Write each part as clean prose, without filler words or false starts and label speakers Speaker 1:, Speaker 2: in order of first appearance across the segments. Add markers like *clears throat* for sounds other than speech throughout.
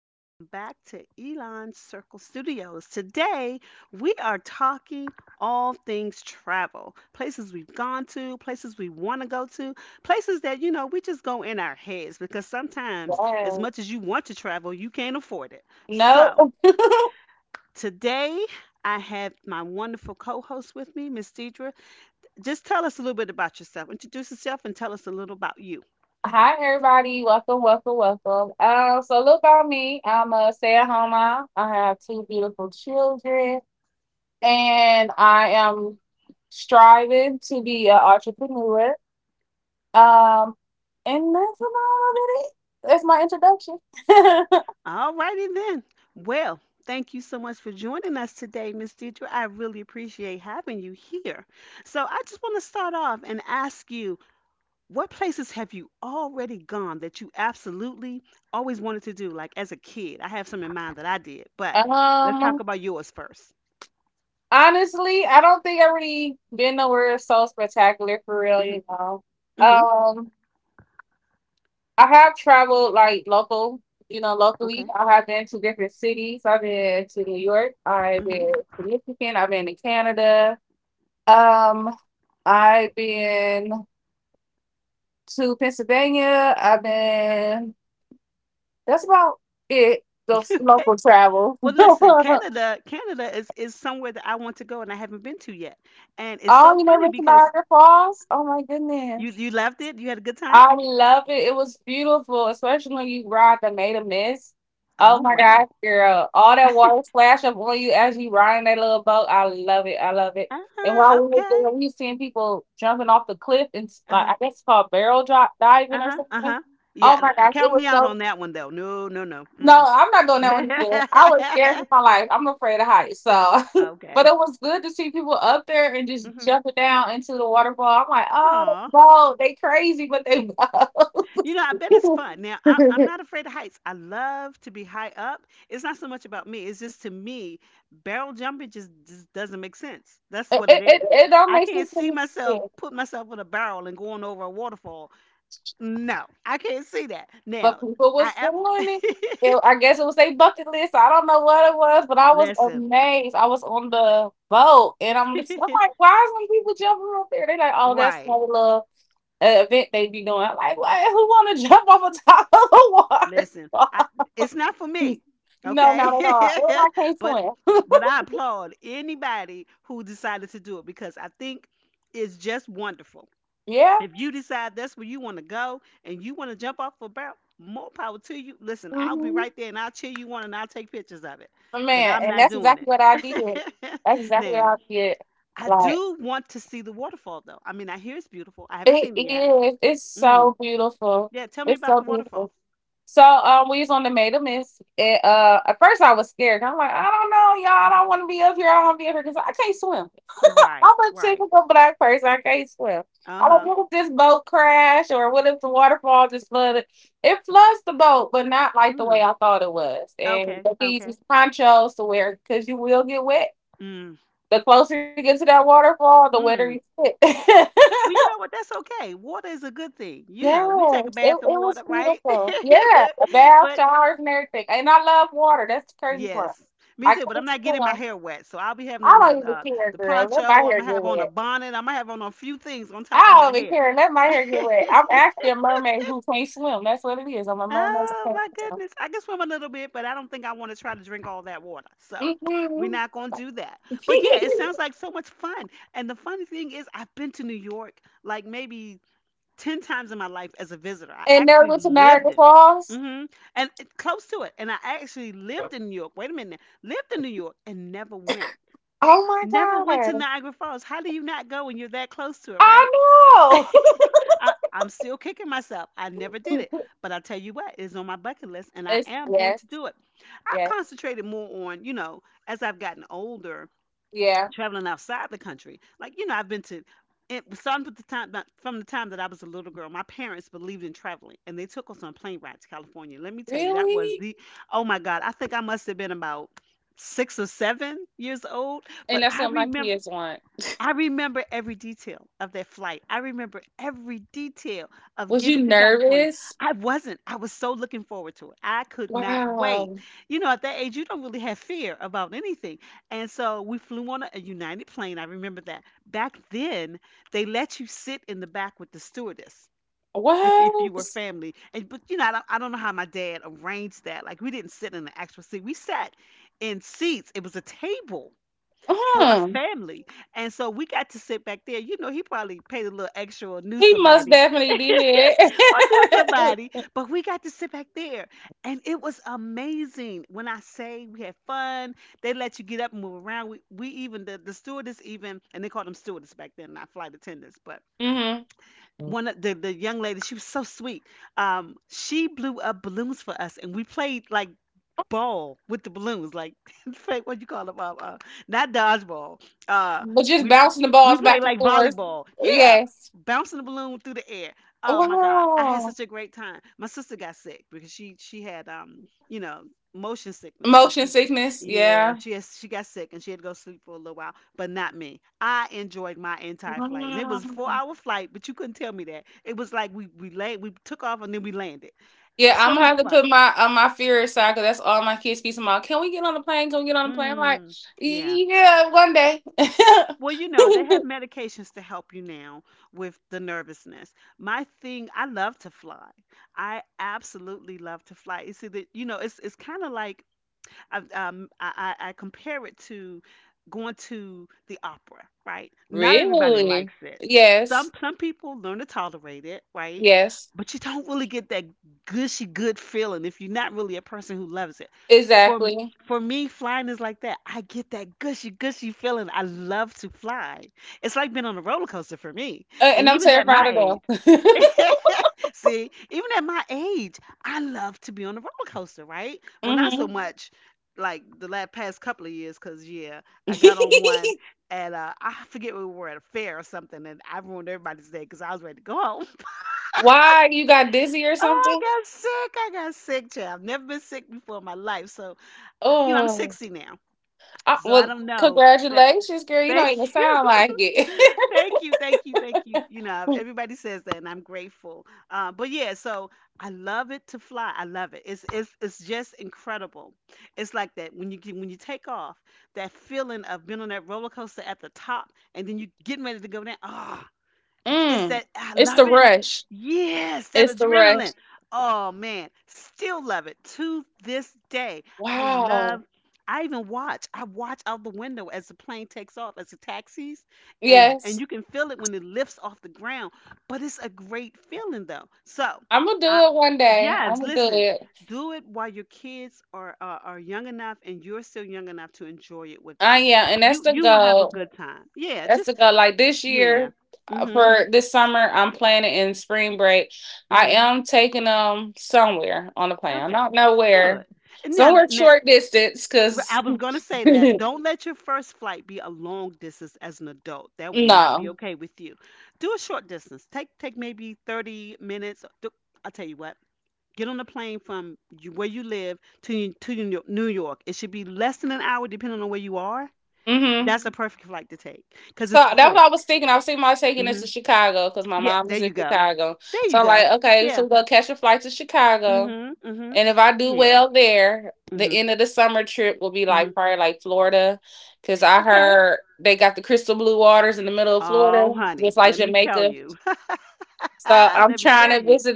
Speaker 1: welcome back to Elon Circle Studios. Today, we are talking all things travel, places we've gone to, places we want to go to, places that, we just go in our heads because sometimes, as
Speaker 2: Yes.
Speaker 1: much as you want to travel, you can't afford it.
Speaker 2: No.
Speaker 1: So,
Speaker 2: *laughs*
Speaker 1: today, I have my wonderful co host with me, Miss Deidre. Just tell us a little bit about yourself. Introduce yourself and tell us a little about you.
Speaker 2: Hi, everybody. Welcome, welcome, welcome. So a little about me. I'm a stay-at-home mom. I have two beautiful children, and I am striving to be an entrepreneur. Um, and that's about it. That's my introduction. *laughs*
Speaker 1: All righty then. Well, thank you so much for joining us today, Miss Deidre. I really appreciate having you here. So I just want to start off and ask you, what places have you already gone that you absolutely always wanted to do, like as a kid? I have some in mind that I did, but let's talk
Speaker 2: um,
Speaker 1: about yours first.
Speaker 2: Honestly, I don't think I've really been nowhere so spectacular for real.
Speaker 1: Mm-hmm.
Speaker 2: You know.
Speaker 1: Mm-hmm.
Speaker 2: Um. I have traveled like local, you know, locally.
Speaker 1: Okay.
Speaker 2: I have been to different cities. I've been to New York. I've
Speaker 1: Mm-hmm.
Speaker 2: been to Michigan. I've been to Canada. Um, I've been to Pennsylvania. I've been. That's about it.
Speaker 1: *laughs*
Speaker 2: Those
Speaker 1: Okay.
Speaker 2: local travel.
Speaker 1: Well, listen,
Speaker 2: *laughs*
Speaker 1: Canada is somewhere that I want to go and I haven't been to yet. And it's
Speaker 2: Oh, you
Speaker 1: so
Speaker 2: never been
Speaker 1: funny
Speaker 2: to
Speaker 1: because
Speaker 2: Niagara Falls? Oh my
Speaker 1: you
Speaker 2: goodness.
Speaker 1: you loved it. You had a good time.
Speaker 2: I love it. It was beautiful, especially when you ride the made a mist.
Speaker 1: Oh
Speaker 2: Oh my
Speaker 1: wow.
Speaker 2: gosh, girl. All that water splash up on you as you ride in that little boat. I love it. I love it. And while
Speaker 1: Uh-huh,
Speaker 2: we was
Speaker 1: okay.
Speaker 2: there, we seen people jumping off the cliff and like
Speaker 1: Uh-huh,
Speaker 2: I guess it's called barrel drop diving or
Speaker 1: uh-huh,
Speaker 2: something.
Speaker 1: uh-huh. Yeah,
Speaker 2: Oh my gosh, it
Speaker 1: count
Speaker 2: was
Speaker 1: me out on that one though. No, no, no.
Speaker 2: no,
Speaker 1: Mm-mm.
Speaker 2: I'm not doing that one again. I
Speaker 1: *laughs*
Speaker 2: was scared for my life. I'm afraid of heights. So *laughs* but
Speaker 1: Okay.
Speaker 2: it was good to see people up there and just
Speaker 1: Mm-hmm.
Speaker 2: jumping down into the waterfall. I'm like, oh, that's
Speaker 1: Aw.
Speaker 2: bold. They crazy, but they bold.
Speaker 1: You know, I bet it's
Speaker 2: *laughs* *laughs*
Speaker 1: fun. Now,
Speaker 2: it,
Speaker 1: I'm
Speaker 2: it,
Speaker 1: not afraid of heights. I love to be high up. It's not so much about me. It's just to me, barrel jumping just doesn't make sense. That's what it
Speaker 2: it
Speaker 1: is.
Speaker 2: it don't
Speaker 1: I
Speaker 2: make
Speaker 1: can't
Speaker 2: sense to
Speaker 1: see
Speaker 2: me. Yeah.
Speaker 1: myself put myself in a barrel and going over a waterfall. No, I can't see that.
Speaker 2: But
Speaker 1: Now,
Speaker 2: people
Speaker 1: I
Speaker 2: was
Speaker 1: ab-
Speaker 2: doing it. I guess it was a bucket list. I don't know what it was, but
Speaker 1: *laughs*
Speaker 2: I was
Speaker 1: listen.
Speaker 2: amazed. I was on the boat and I'm like,
Speaker 1: *laughs*
Speaker 2: why is some people jumping up there? They like, oh, that's
Speaker 1: Right.
Speaker 2: no little event they be doing. I'm like, what? Who want to *laughs* jump off a top of the
Speaker 1: Listen, I
Speaker 2: water?
Speaker 1: it's not for
Speaker 2: *laughs*
Speaker 1: me.
Speaker 2: No,
Speaker 1: Okay?
Speaker 2: not at all. And I can't
Speaker 1: *laughs* but
Speaker 2: swim.
Speaker 1: but I applaud anybody who decided to do it because I think it's just wonderful.
Speaker 2: Yeah.
Speaker 1: If you decide that's where you want to go and you want to jump off a barrel, more power to you. Listen, I'll be
Speaker 2: hmm
Speaker 1: right there and I'll cheer you on and I'll take pictures of it. But
Speaker 2: Man,
Speaker 1: I'm
Speaker 2: and
Speaker 1: not
Speaker 2: that's
Speaker 1: doing
Speaker 2: exactly
Speaker 1: it.
Speaker 2: what I did.
Speaker 1: *laughs*
Speaker 2: That's exactly what
Speaker 1: Now,
Speaker 2: I did.
Speaker 1: I
Speaker 2: Like.
Speaker 1: do want to see the waterfall though. I mean, I hear it's beautiful. I haven't
Speaker 2: It
Speaker 1: seen it yet.
Speaker 2: is. It's
Speaker 1: Mm.
Speaker 2: so beautiful.
Speaker 1: Yeah, tell me
Speaker 2: It's
Speaker 1: about
Speaker 2: so
Speaker 1: the waterfall.
Speaker 2: beautiful. So we was on the Made a Miss. At first I was scared. I'm like, I don't know, y'all. I don't want to be up here. I don't want to be up here because I can't swim.
Speaker 1: Right,
Speaker 2: I'm a
Speaker 1: right.
Speaker 2: typical black person. I can't swim. I don't
Speaker 1: Uh-huh.
Speaker 2: know if this boat crash or what if the waterfall just flooded. It floods the boat, but not like the way
Speaker 1: Mm.
Speaker 2: I thought it was. And
Speaker 1: Okay.
Speaker 2: they give you
Speaker 1: Okay.
Speaker 2: these ponchos to wear because you will get wet.
Speaker 1: Mm.
Speaker 2: The closer you get to that waterfall, the wetter
Speaker 1: Mm.
Speaker 2: you get. *laughs*
Speaker 1: Well, you know what? That's okay. Water is a good thing. You know, we take a
Speaker 2: Yes, it,
Speaker 1: bath
Speaker 2: it
Speaker 1: in
Speaker 2: was
Speaker 1: water, right?
Speaker 2: beautiful. Yeah, the
Speaker 1: *laughs*
Speaker 2: bath,
Speaker 1: But
Speaker 2: showers, and everything. And I love water. That's the crazy part.
Speaker 1: yes, me
Speaker 2: I
Speaker 1: too. But I'm
Speaker 2: can't
Speaker 1: not getting my
Speaker 2: swim.
Speaker 1: hair wet, so I'll be having
Speaker 2: I
Speaker 1: on a
Speaker 2: don't even care,
Speaker 1: the
Speaker 2: girl. Let my
Speaker 1: poncho. I'm
Speaker 2: hair
Speaker 1: gonna
Speaker 2: get
Speaker 1: have on a
Speaker 2: wet.
Speaker 1: bonnet. I'm gonna have on a few things on top of
Speaker 2: I
Speaker 1: my
Speaker 2: don't even
Speaker 1: hair.
Speaker 2: care. Let my hair get wet. I'm
Speaker 1: *laughs*
Speaker 2: actually a mermaid who can't swim. That's what it is. I'm a mermaid
Speaker 1: Oh
Speaker 2: who
Speaker 1: my
Speaker 2: can't
Speaker 1: goodness. I can swim a little bit, but I don't think I want to try to drink all that water. So we're
Speaker 2: swim.
Speaker 1: not going to do that. But yeah, it
Speaker 2: Mm-hmm.
Speaker 1: sounds
Speaker 2: *laughs*
Speaker 1: like so much fun. And the funny thing is, I've been to New York like maybe 10 times in my life as a visitor. I
Speaker 2: And there
Speaker 1: actually
Speaker 2: was
Speaker 1: lived
Speaker 2: Niagara
Speaker 1: in.
Speaker 2: Falls.
Speaker 1: Hmm. And it- close to it. And I actually lived in New York. Wait a minute. Now. Lived in New York and never went.
Speaker 2: Oh my
Speaker 1: Never went to
Speaker 2: God.
Speaker 1: Niagara Falls. How do you not go when you're that close to it,
Speaker 2: I
Speaker 1: right?
Speaker 2: know. *laughs*
Speaker 1: I'm still kicking myself. I never did it. But I tell you what, it's on my bucket list and I
Speaker 2: It's,
Speaker 1: am going
Speaker 2: yes,
Speaker 1: to do it. I've
Speaker 2: yes,
Speaker 1: concentrated more on, you know, as I've gotten older,
Speaker 2: yeah.
Speaker 1: traveling outside the country. Like, you know, I've been to it was starting from from the time that I was a little girl, my parents believed in traveling and they took us on plane rides to California. Let me tell you, that was
Speaker 2: Really?
Speaker 1: the oh my God, I think I must have been about 6 or 7 years old.
Speaker 2: And
Speaker 1: But
Speaker 2: that's what my kids want.
Speaker 1: I remember every detail of that flight. I remember every detail of
Speaker 2: Was you
Speaker 1: getting to California.
Speaker 2: nervous?
Speaker 1: I wasn't. I was so looking forward to it. I could not wait.
Speaker 2: Wow.
Speaker 1: You know, at that age, you don't really have fear about anything. And so we flew on a United plane. I remember that. Back then, they let you sit in the back with the stewardess. If you
Speaker 2: What?
Speaker 1: were
Speaker 2: S-
Speaker 1: family. And but you know I don't know how my dad arranged that, like we didn't sit in an actual seat, we sat in seats, it was a table for a
Speaker 2: Huh.
Speaker 1: family. And so we got to sit back there. You know, he probably paid a little extra or knew
Speaker 2: He must
Speaker 1: somebody
Speaker 2: definitely did.
Speaker 1: *laughs* or knew somebody, but we got to sit back there. And it was amazing. When I say we had fun, they let you get up and move around. The stewardess even, and they called them stewardess back then, not flight attendants, but
Speaker 2: *laughs* hmm
Speaker 1: one of the young lady, she was so sweet. She blew up balloons for us and we played like ball with the balloons, like *laughs* fake what you call them, not dodgeball. Uh,
Speaker 2: But just
Speaker 1: we
Speaker 2: bouncing the
Speaker 1: we
Speaker 2: balls
Speaker 1: play
Speaker 2: back and
Speaker 1: like
Speaker 2: forth.
Speaker 1: volleyball. Yeah,
Speaker 2: Yes.
Speaker 1: bouncing the balloon through the air. Oh my God, I had
Speaker 2: Wow.
Speaker 1: such a great time. My sister got sick because she had you know motion sickness and
Speaker 2: Motion
Speaker 1: she
Speaker 2: sickness.
Speaker 1: yeah
Speaker 2: Yeah.
Speaker 1: she has she got sick and she had to go sleep for a little while, but not me. I enjoyed my entire flight and it was a four
Speaker 2: Wow.
Speaker 1: hour flight, but you couldn't tell me that. It was like we took off and then we landed.
Speaker 2: Yeah,
Speaker 1: So
Speaker 2: I'm gonna
Speaker 1: much
Speaker 2: have to
Speaker 1: fun.
Speaker 2: put my my fear aside because that's all my kids keep about. Can we get on the plane? Can we get on the plane? I'm like,
Speaker 1: mm, yeah.
Speaker 2: yeah, one day.
Speaker 1: Well, you know, they
Speaker 2: *laughs*
Speaker 1: have medications to help you now with the nervousness. My thing, I love to fly. I absolutely love to fly. You see that, you know, it's kind of like I compare it to going to the opera, right? Not everybody
Speaker 2: Really?
Speaker 1: likes it.
Speaker 2: Yes.
Speaker 1: Some people learn to tolerate it, right?
Speaker 2: Yes.
Speaker 1: But you don't really get that gushy good feeling if you're not really a person who loves it. For
Speaker 2: Exactly.
Speaker 1: for me, flying is like that. I get that gushy feeling. I love to fly. It's like being on a roller coaster for me. And
Speaker 2: And I'm
Speaker 1: even at my
Speaker 2: terrified
Speaker 1: age,
Speaker 2: of them. *laughs*
Speaker 1: *laughs* see, even at my age, I love to be on the roller coaster, right? Well, not so Mhm.
Speaker 2: hmm
Speaker 1: much like the last past couple of years, because yeah, I got on
Speaker 2: *laughs*
Speaker 1: one and I forget we were at a fair or something, and I ruined everybody's day because I was ready to go home. *laughs*
Speaker 2: Why you got dizzy or
Speaker 1: Oh, I
Speaker 2: something?
Speaker 1: got sick. I got sick, child. I've never been sick before in my life. So, you know, I'm
Speaker 2: Oh,
Speaker 1: 60 now.
Speaker 2: I-
Speaker 1: So I
Speaker 2: well,
Speaker 1: don't know that.
Speaker 2: congratulations, girl. You don't even
Speaker 1: Thank you.
Speaker 2: sound like it.
Speaker 1: *laughs* Thank you. Thank you. Thank you. You know,
Speaker 2: *laughs*
Speaker 1: everybody says that and I'm grateful. But yeah, so I love it to fly. I love it. It's it's just incredible. It's like that when you when you take off, that feeling of being on that roller coaster at the top and then you getting ready to go down. Ah, it's
Speaker 2: Mm.
Speaker 1: that I
Speaker 2: It's the
Speaker 1: love it.
Speaker 2: rush.
Speaker 1: Yes, that
Speaker 2: It's the rush.
Speaker 1: adrenaline. Oh man, still love it to this day. I love.
Speaker 2: Wow.
Speaker 1: I even watch. I watch out the window as the plane takes off, as it taxis, and
Speaker 2: Yes.
Speaker 1: you can feel it when it lifts off the ground. But it's a great feeling though. So,
Speaker 2: I'm gonna do
Speaker 1: I
Speaker 2: it one day. I'm
Speaker 1: yes,
Speaker 2: gonna do
Speaker 1: listen.
Speaker 2: it.
Speaker 1: Do it while your kids are are young enough and you're still young enough to enjoy it with
Speaker 2: Ah,
Speaker 1: them.
Speaker 2: yeah, and that's
Speaker 1: You
Speaker 2: the
Speaker 1: you will have a
Speaker 2: goal.
Speaker 1: good time. Yeah,
Speaker 2: That's the
Speaker 1: just
Speaker 2: goal. Like this year,
Speaker 1: yeah. Mhm.
Speaker 2: for this summer, I'm planning in spring break. I
Speaker 1: Mhm.
Speaker 2: am taking them somewhere on the plane. I
Speaker 1: Okay,
Speaker 2: don't know where.
Speaker 1: good. And now,
Speaker 2: Somewhere
Speaker 1: now
Speaker 2: short distance,
Speaker 1: I
Speaker 2: cause
Speaker 1: was gonna
Speaker 2: *laughs*
Speaker 1: say that
Speaker 2: no.
Speaker 1: don't let your first flight be a long distance as an adult. That will not be okay with you. Do a short distance. Take maybe 30 minutes. Do- I'll tell you what. Get on a plane from where you live to to New York. New York. It should be less than an hour, depending on where you are.
Speaker 2: hmm
Speaker 1: That's a perfect flight to take because
Speaker 2: So
Speaker 1: it's
Speaker 2: that's what I was
Speaker 1: quick.
Speaker 2: thinking. I was thinking about taking this
Speaker 1: Hmm.
Speaker 2: to Chicago because my
Speaker 1: Yeah,
Speaker 2: mom
Speaker 1: there
Speaker 2: is
Speaker 1: you
Speaker 2: in
Speaker 1: go.
Speaker 2: Chicago.
Speaker 1: There you
Speaker 2: So I'm
Speaker 1: go.
Speaker 2: like, okay, so
Speaker 1: Yeah.
Speaker 2: we'll catch a flight to Chicago.
Speaker 1: Hmm. Hmm.
Speaker 2: And if I do
Speaker 1: Yeah.
Speaker 2: well there, the
Speaker 1: Hmm.
Speaker 2: end of the summer trip will be like
Speaker 1: Hmm.
Speaker 2: probably like Florida. Cause I
Speaker 1: Okay.
Speaker 2: heard they got the crystal blue waters in the middle of
Speaker 1: Oh,
Speaker 2: Florida,
Speaker 1: honey,
Speaker 2: just like
Speaker 1: let me tell
Speaker 2: Jamaica.
Speaker 1: you. *laughs*
Speaker 2: So I'm
Speaker 1: Let me
Speaker 2: trying
Speaker 1: tell
Speaker 2: to
Speaker 1: you.
Speaker 2: visit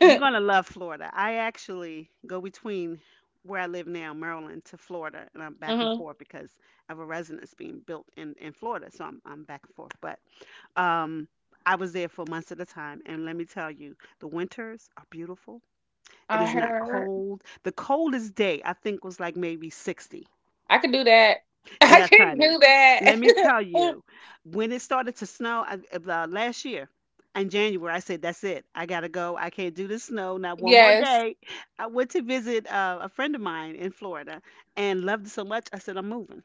Speaker 1: You're going to love Florida. I actually go between where I live now, Maryland, to Florida, and I'm
Speaker 2: *laughs*
Speaker 1: back and
Speaker 2: hmm
Speaker 1: forth because I have a residence being built in Florida. So I'm back and forth. But um, I was there for months at a time. And let me tell you, the winters are beautiful. It
Speaker 2: I
Speaker 1: is not
Speaker 2: heard
Speaker 1: cold. The coldest day, I think, was like maybe 60.
Speaker 2: I could do that. *laughs* I
Speaker 1: Yes,
Speaker 2: could
Speaker 1: honey.
Speaker 2: do that.
Speaker 1: Let me tell you, when it started to snow I, last year in January, I said, "That's it. I gotta go. I can't do the snow. Not
Speaker 2: *laughs*
Speaker 1: one more
Speaker 2: Yes.
Speaker 1: day." I went to visit a friend of mine in Florida and loved it so much. I said, "I'm moving."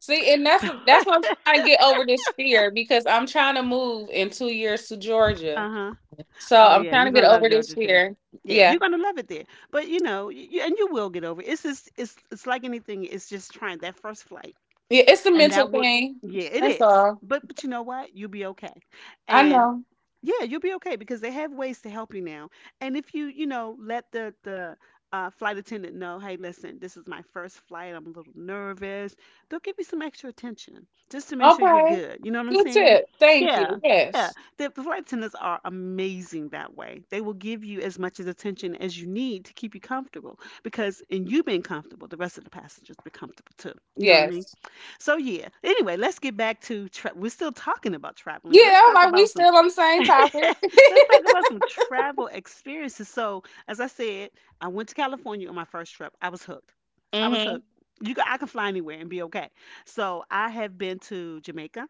Speaker 2: See, and that's
Speaker 1: *laughs* So,
Speaker 2: that's what I'm trying to get over this fear because I'm trying to move in 2 years to Georgia.
Speaker 1: uh huh.
Speaker 2: So
Speaker 1: Oh
Speaker 2: I'm
Speaker 1: yeah,
Speaker 2: trying to
Speaker 1: you're
Speaker 2: get
Speaker 1: gonna
Speaker 2: over
Speaker 1: love
Speaker 2: this
Speaker 1: Georgia too.
Speaker 2: fear.
Speaker 1: Yeah,
Speaker 2: Yeah.
Speaker 1: you're gonna love it there. But you know, and you will get over it. It's just, it's like anything. It's just trying that first flight.
Speaker 2: Yeah, it's a
Speaker 1: And
Speaker 2: mental
Speaker 1: that would
Speaker 2: thing.
Speaker 1: Yeah, it
Speaker 2: That's
Speaker 1: is,
Speaker 2: all.
Speaker 1: but you know what, you'll be okay.
Speaker 2: I
Speaker 1: And
Speaker 2: know.
Speaker 1: yeah, you'll be okay because they have ways to help you now. And if you, you know let the flight attendant know, "Hey, listen, this is my first flight. I'm a little nervous." They'll give you some extra attention just to make sure you're
Speaker 2: Okay.
Speaker 1: good. You know what I'm
Speaker 2: Good
Speaker 1: saying?
Speaker 2: tip. Thank
Speaker 1: Yeah.
Speaker 2: you.
Speaker 1: Yeah.
Speaker 2: Yes.
Speaker 1: The flight attendants are amazing that way. They will give you as much as attention as you need to keep you comfortable, because in you being comfortable, the rest of the passengers be comfortable too. You know what I mean?
Speaker 2: Yes.
Speaker 1: So, yeah. Anyway, let's get back to we're still talking about traveling, but let's
Speaker 2: Yeah, I'm
Speaker 1: talk
Speaker 2: like we
Speaker 1: about some
Speaker 2: still on the
Speaker 1: *laughs*
Speaker 2: same topic. *laughs*
Speaker 1: let's talk about some travel experiences. So as I said, I went to California on my first trip. I was hooked. I was
Speaker 2: Mm-hmm.
Speaker 1: hooked. I can fly anywhere and be okay. So I have been to Jamaica.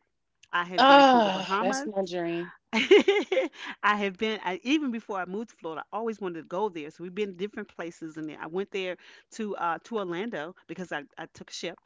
Speaker 1: I have been to the
Speaker 2: Ah, that's
Speaker 1: Bahamas.
Speaker 2: my dream.
Speaker 1: *laughs* I have been I, even before I moved to Florida, I always wanted to go there, so we've been to different places in there. I went there to Orlando because I took a ship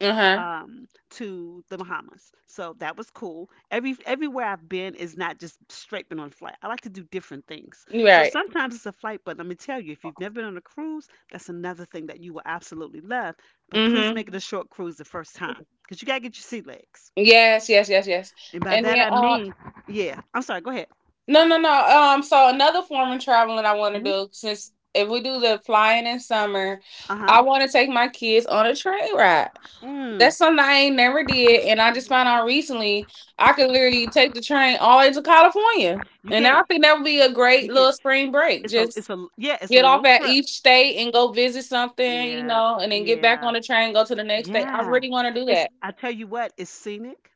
Speaker 2: Uh-huh.
Speaker 1: to the Bahamas. So that was cool. Everywhere I've been is not just straight been on a flight. I like to do different things. So
Speaker 2: Right.
Speaker 1: sometimes it's a flight, but let me tell you, if you've never been on a cruise, that's another thing that you will absolutely love. But please
Speaker 2: Mm-hmm.
Speaker 1: make it a short cruise the first time, because you gotta get your sea legs.
Speaker 2: Yes, yes, yes, yes.
Speaker 1: And by
Speaker 2: And
Speaker 1: that
Speaker 2: then
Speaker 1: I mean, yeah. I'm sorry. Go ahead.
Speaker 2: no, no, no. So another form of traveling I want to
Speaker 1: Hmm.
Speaker 2: do, since if we do the flying in summer,
Speaker 1: Uh huh.
Speaker 2: I want to take my kids on a train ride.
Speaker 1: Mm.
Speaker 2: That's something I ain't never did, and I just found out recently I could literally take the train all the way to California,
Speaker 1: You
Speaker 2: and I
Speaker 1: can.
Speaker 2: think that would be a
Speaker 1: You
Speaker 2: great
Speaker 1: can.
Speaker 2: little spring break.
Speaker 1: It's a. It's
Speaker 2: Just
Speaker 1: a. Yeah. It's a
Speaker 2: get off
Speaker 1: long
Speaker 2: at
Speaker 1: trip.
Speaker 2: each state and go visit something, you
Speaker 1: Yeah.
Speaker 2: know, and then get back
Speaker 1: Yeah.
Speaker 2: on the train, go to the next state. I
Speaker 1: Yeah.
Speaker 2: really want to do
Speaker 1: It's.
Speaker 2: that
Speaker 1: I tell you what, it's scenic.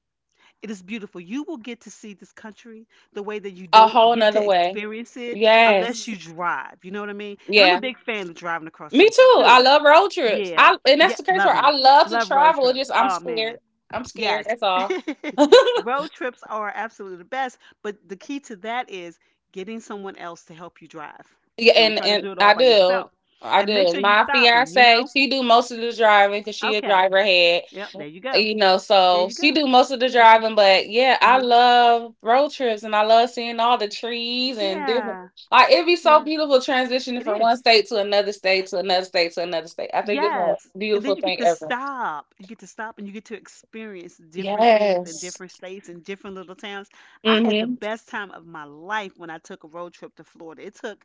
Speaker 1: It is beautiful. You will get to see this country the way that you
Speaker 2: a
Speaker 1: don't
Speaker 2: whole
Speaker 1: get
Speaker 2: nother
Speaker 1: to
Speaker 2: way.
Speaker 1: experience it unless
Speaker 2: Yes,
Speaker 1: you drive. You know what I mean? And I'm a
Speaker 2: yeah.
Speaker 1: big fan of driving across
Speaker 2: Me
Speaker 1: country
Speaker 2: too.
Speaker 1: too.
Speaker 2: I love road trips.
Speaker 1: Yeah.
Speaker 2: I And that's
Speaker 1: Yeah.
Speaker 2: the case
Speaker 1: Love
Speaker 2: where I
Speaker 1: them.
Speaker 2: love to
Speaker 1: Love road
Speaker 2: travel. It
Speaker 1: trips.
Speaker 2: just I'm
Speaker 1: Oh,
Speaker 2: scared.
Speaker 1: man.
Speaker 2: I'm scared.
Speaker 1: Yes.
Speaker 2: That's
Speaker 1: *laughs*
Speaker 2: all.
Speaker 1: Road trips are absolutely the best. But the key to that is getting someone else to help you drive.
Speaker 2: Yeah,
Speaker 1: Don't
Speaker 2: and
Speaker 1: try to
Speaker 2: and
Speaker 1: do it all
Speaker 2: I
Speaker 1: by
Speaker 2: do.
Speaker 1: yourself.
Speaker 2: I
Speaker 1: And make
Speaker 2: do.
Speaker 1: sure you
Speaker 2: My
Speaker 1: stop and, you
Speaker 2: fiance,
Speaker 1: know?
Speaker 2: she do most of the driving because she a
Speaker 1: Okay.
Speaker 2: driver head.
Speaker 1: Yep. There you go.
Speaker 2: You know,
Speaker 1: There
Speaker 2: so
Speaker 1: you
Speaker 2: she
Speaker 1: go.
Speaker 2: do most of the
Speaker 1: Yeah.
Speaker 2: driving. But yeah,
Speaker 1: Uh
Speaker 2: I
Speaker 1: huh.
Speaker 2: love road trips and I love seeing all the trees and different.
Speaker 1: Yeah.
Speaker 2: Like it'd be so
Speaker 1: Yeah.
Speaker 2: beautiful transitioning
Speaker 1: It
Speaker 2: from
Speaker 1: is.
Speaker 2: one state to another state to another state to another state. I think it's a
Speaker 1: Yes. And then
Speaker 2: beautiful
Speaker 1: you get
Speaker 2: thing
Speaker 1: to
Speaker 2: ever.
Speaker 1: stop. You get to stop and you get to experience different things in
Speaker 2: Yes.
Speaker 1: different states and different little towns. I had the
Speaker 2: Mm-hmm.
Speaker 1: best time of my life when I took a road trip to Florida. It took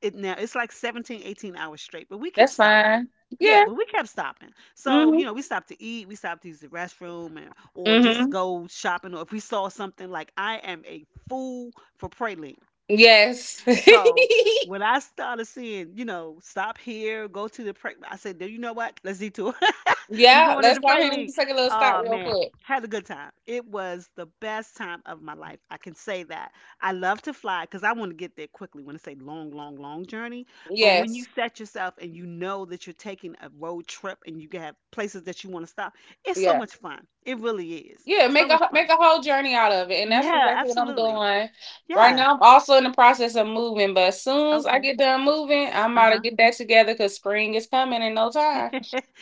Speaker 1: it. Now it's like 17, 18 hours straight, but we kept
Speaker 2: That's fine.
Speaker 1: stopping. Yeah,
Speaker 2: Yeah.
Speaker 1: but we kept stopping. So,
Speaker 2: hmm
Speaker 1: we stopped to eat, we stopped to use the restroom, and or just
Speaker 2: hmm
Speaker 1: go shopping, or if we saw something, like, I am a fool for praline.
Speaker 2: Yes.
Speaker 1: So
Speaker 2: *laughs*
Speaker 1: when I started seeing, stop here, go to the pray, I said, "Do you know what? Let's detour." *laughs* We
Speaker 2: yeah.
Speaker 1: going to
Speaker 2: Let's
Speaker 1: the
Speaker 2: go
Speaker 1: pray
Speaker 2: ahead and
Speaker 1: league.
Speaker 2: just take a little stop
Speaker 1: Oh
Speaker 2: real
Speaker 1: man,
Speaker 2: quick.
Speaker 1: had a good time. It was the best time of my life. I can say that. I love to fly because I want to get there quickly, when it's a long, long, long journey. But when you
Speaker 2: Yes.
Speaker 1: set yourself and you know that you're taking a road trip and you have places that you want to stop, it's so
Speaker 2: Yeah.
Speaker 1: much fun. It really is
Speaker 2: Yeah.
Speaker 1: so much fun.
Speaker 2: Make a whole journey out of it, and that's
Speaker 1: Yeah,
Speaker 2: exactly what I'm
Speaker 1: absolutely.
Speaker 2: doing right
Speaker 1: Yes.
Speaker 2: now. I'm also in the process of moving, but as soon as I
Speaker 1: Okay.
Speaker 2: get done moving, I'm
Speaker 1: Uh
Speaker 2: about to
Speaker 1: huh.
Speaker 2: get that together because spring is coming in no time.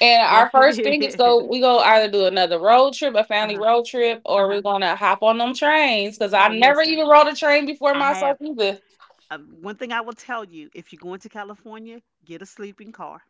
Speaker 2: And
Speaker 1: Yes,
Speaker 2: our first thing is
Speaker 1: it is.
Speaker 2: go either do another road trip, a
Speaker 1: Uh
Speaker 2: family
Speaker 1: huh.
Speaker 2: road trip,
Speaker 1: Uh
Speaker 2: or
Speaker 1: huh.
Speaker 2: we're gonna hop on them trains because I
Speaker 1: Hey,
Speaker 2: never
Speaker 1: listen.
Speaker 2: even rode a train before
Speaker 1: I
Speaker 2: myself
Speaker 1: have
Speaker 2: either.
Speaker 1: one thing I will tell you. If you're going to California, get a sleeping car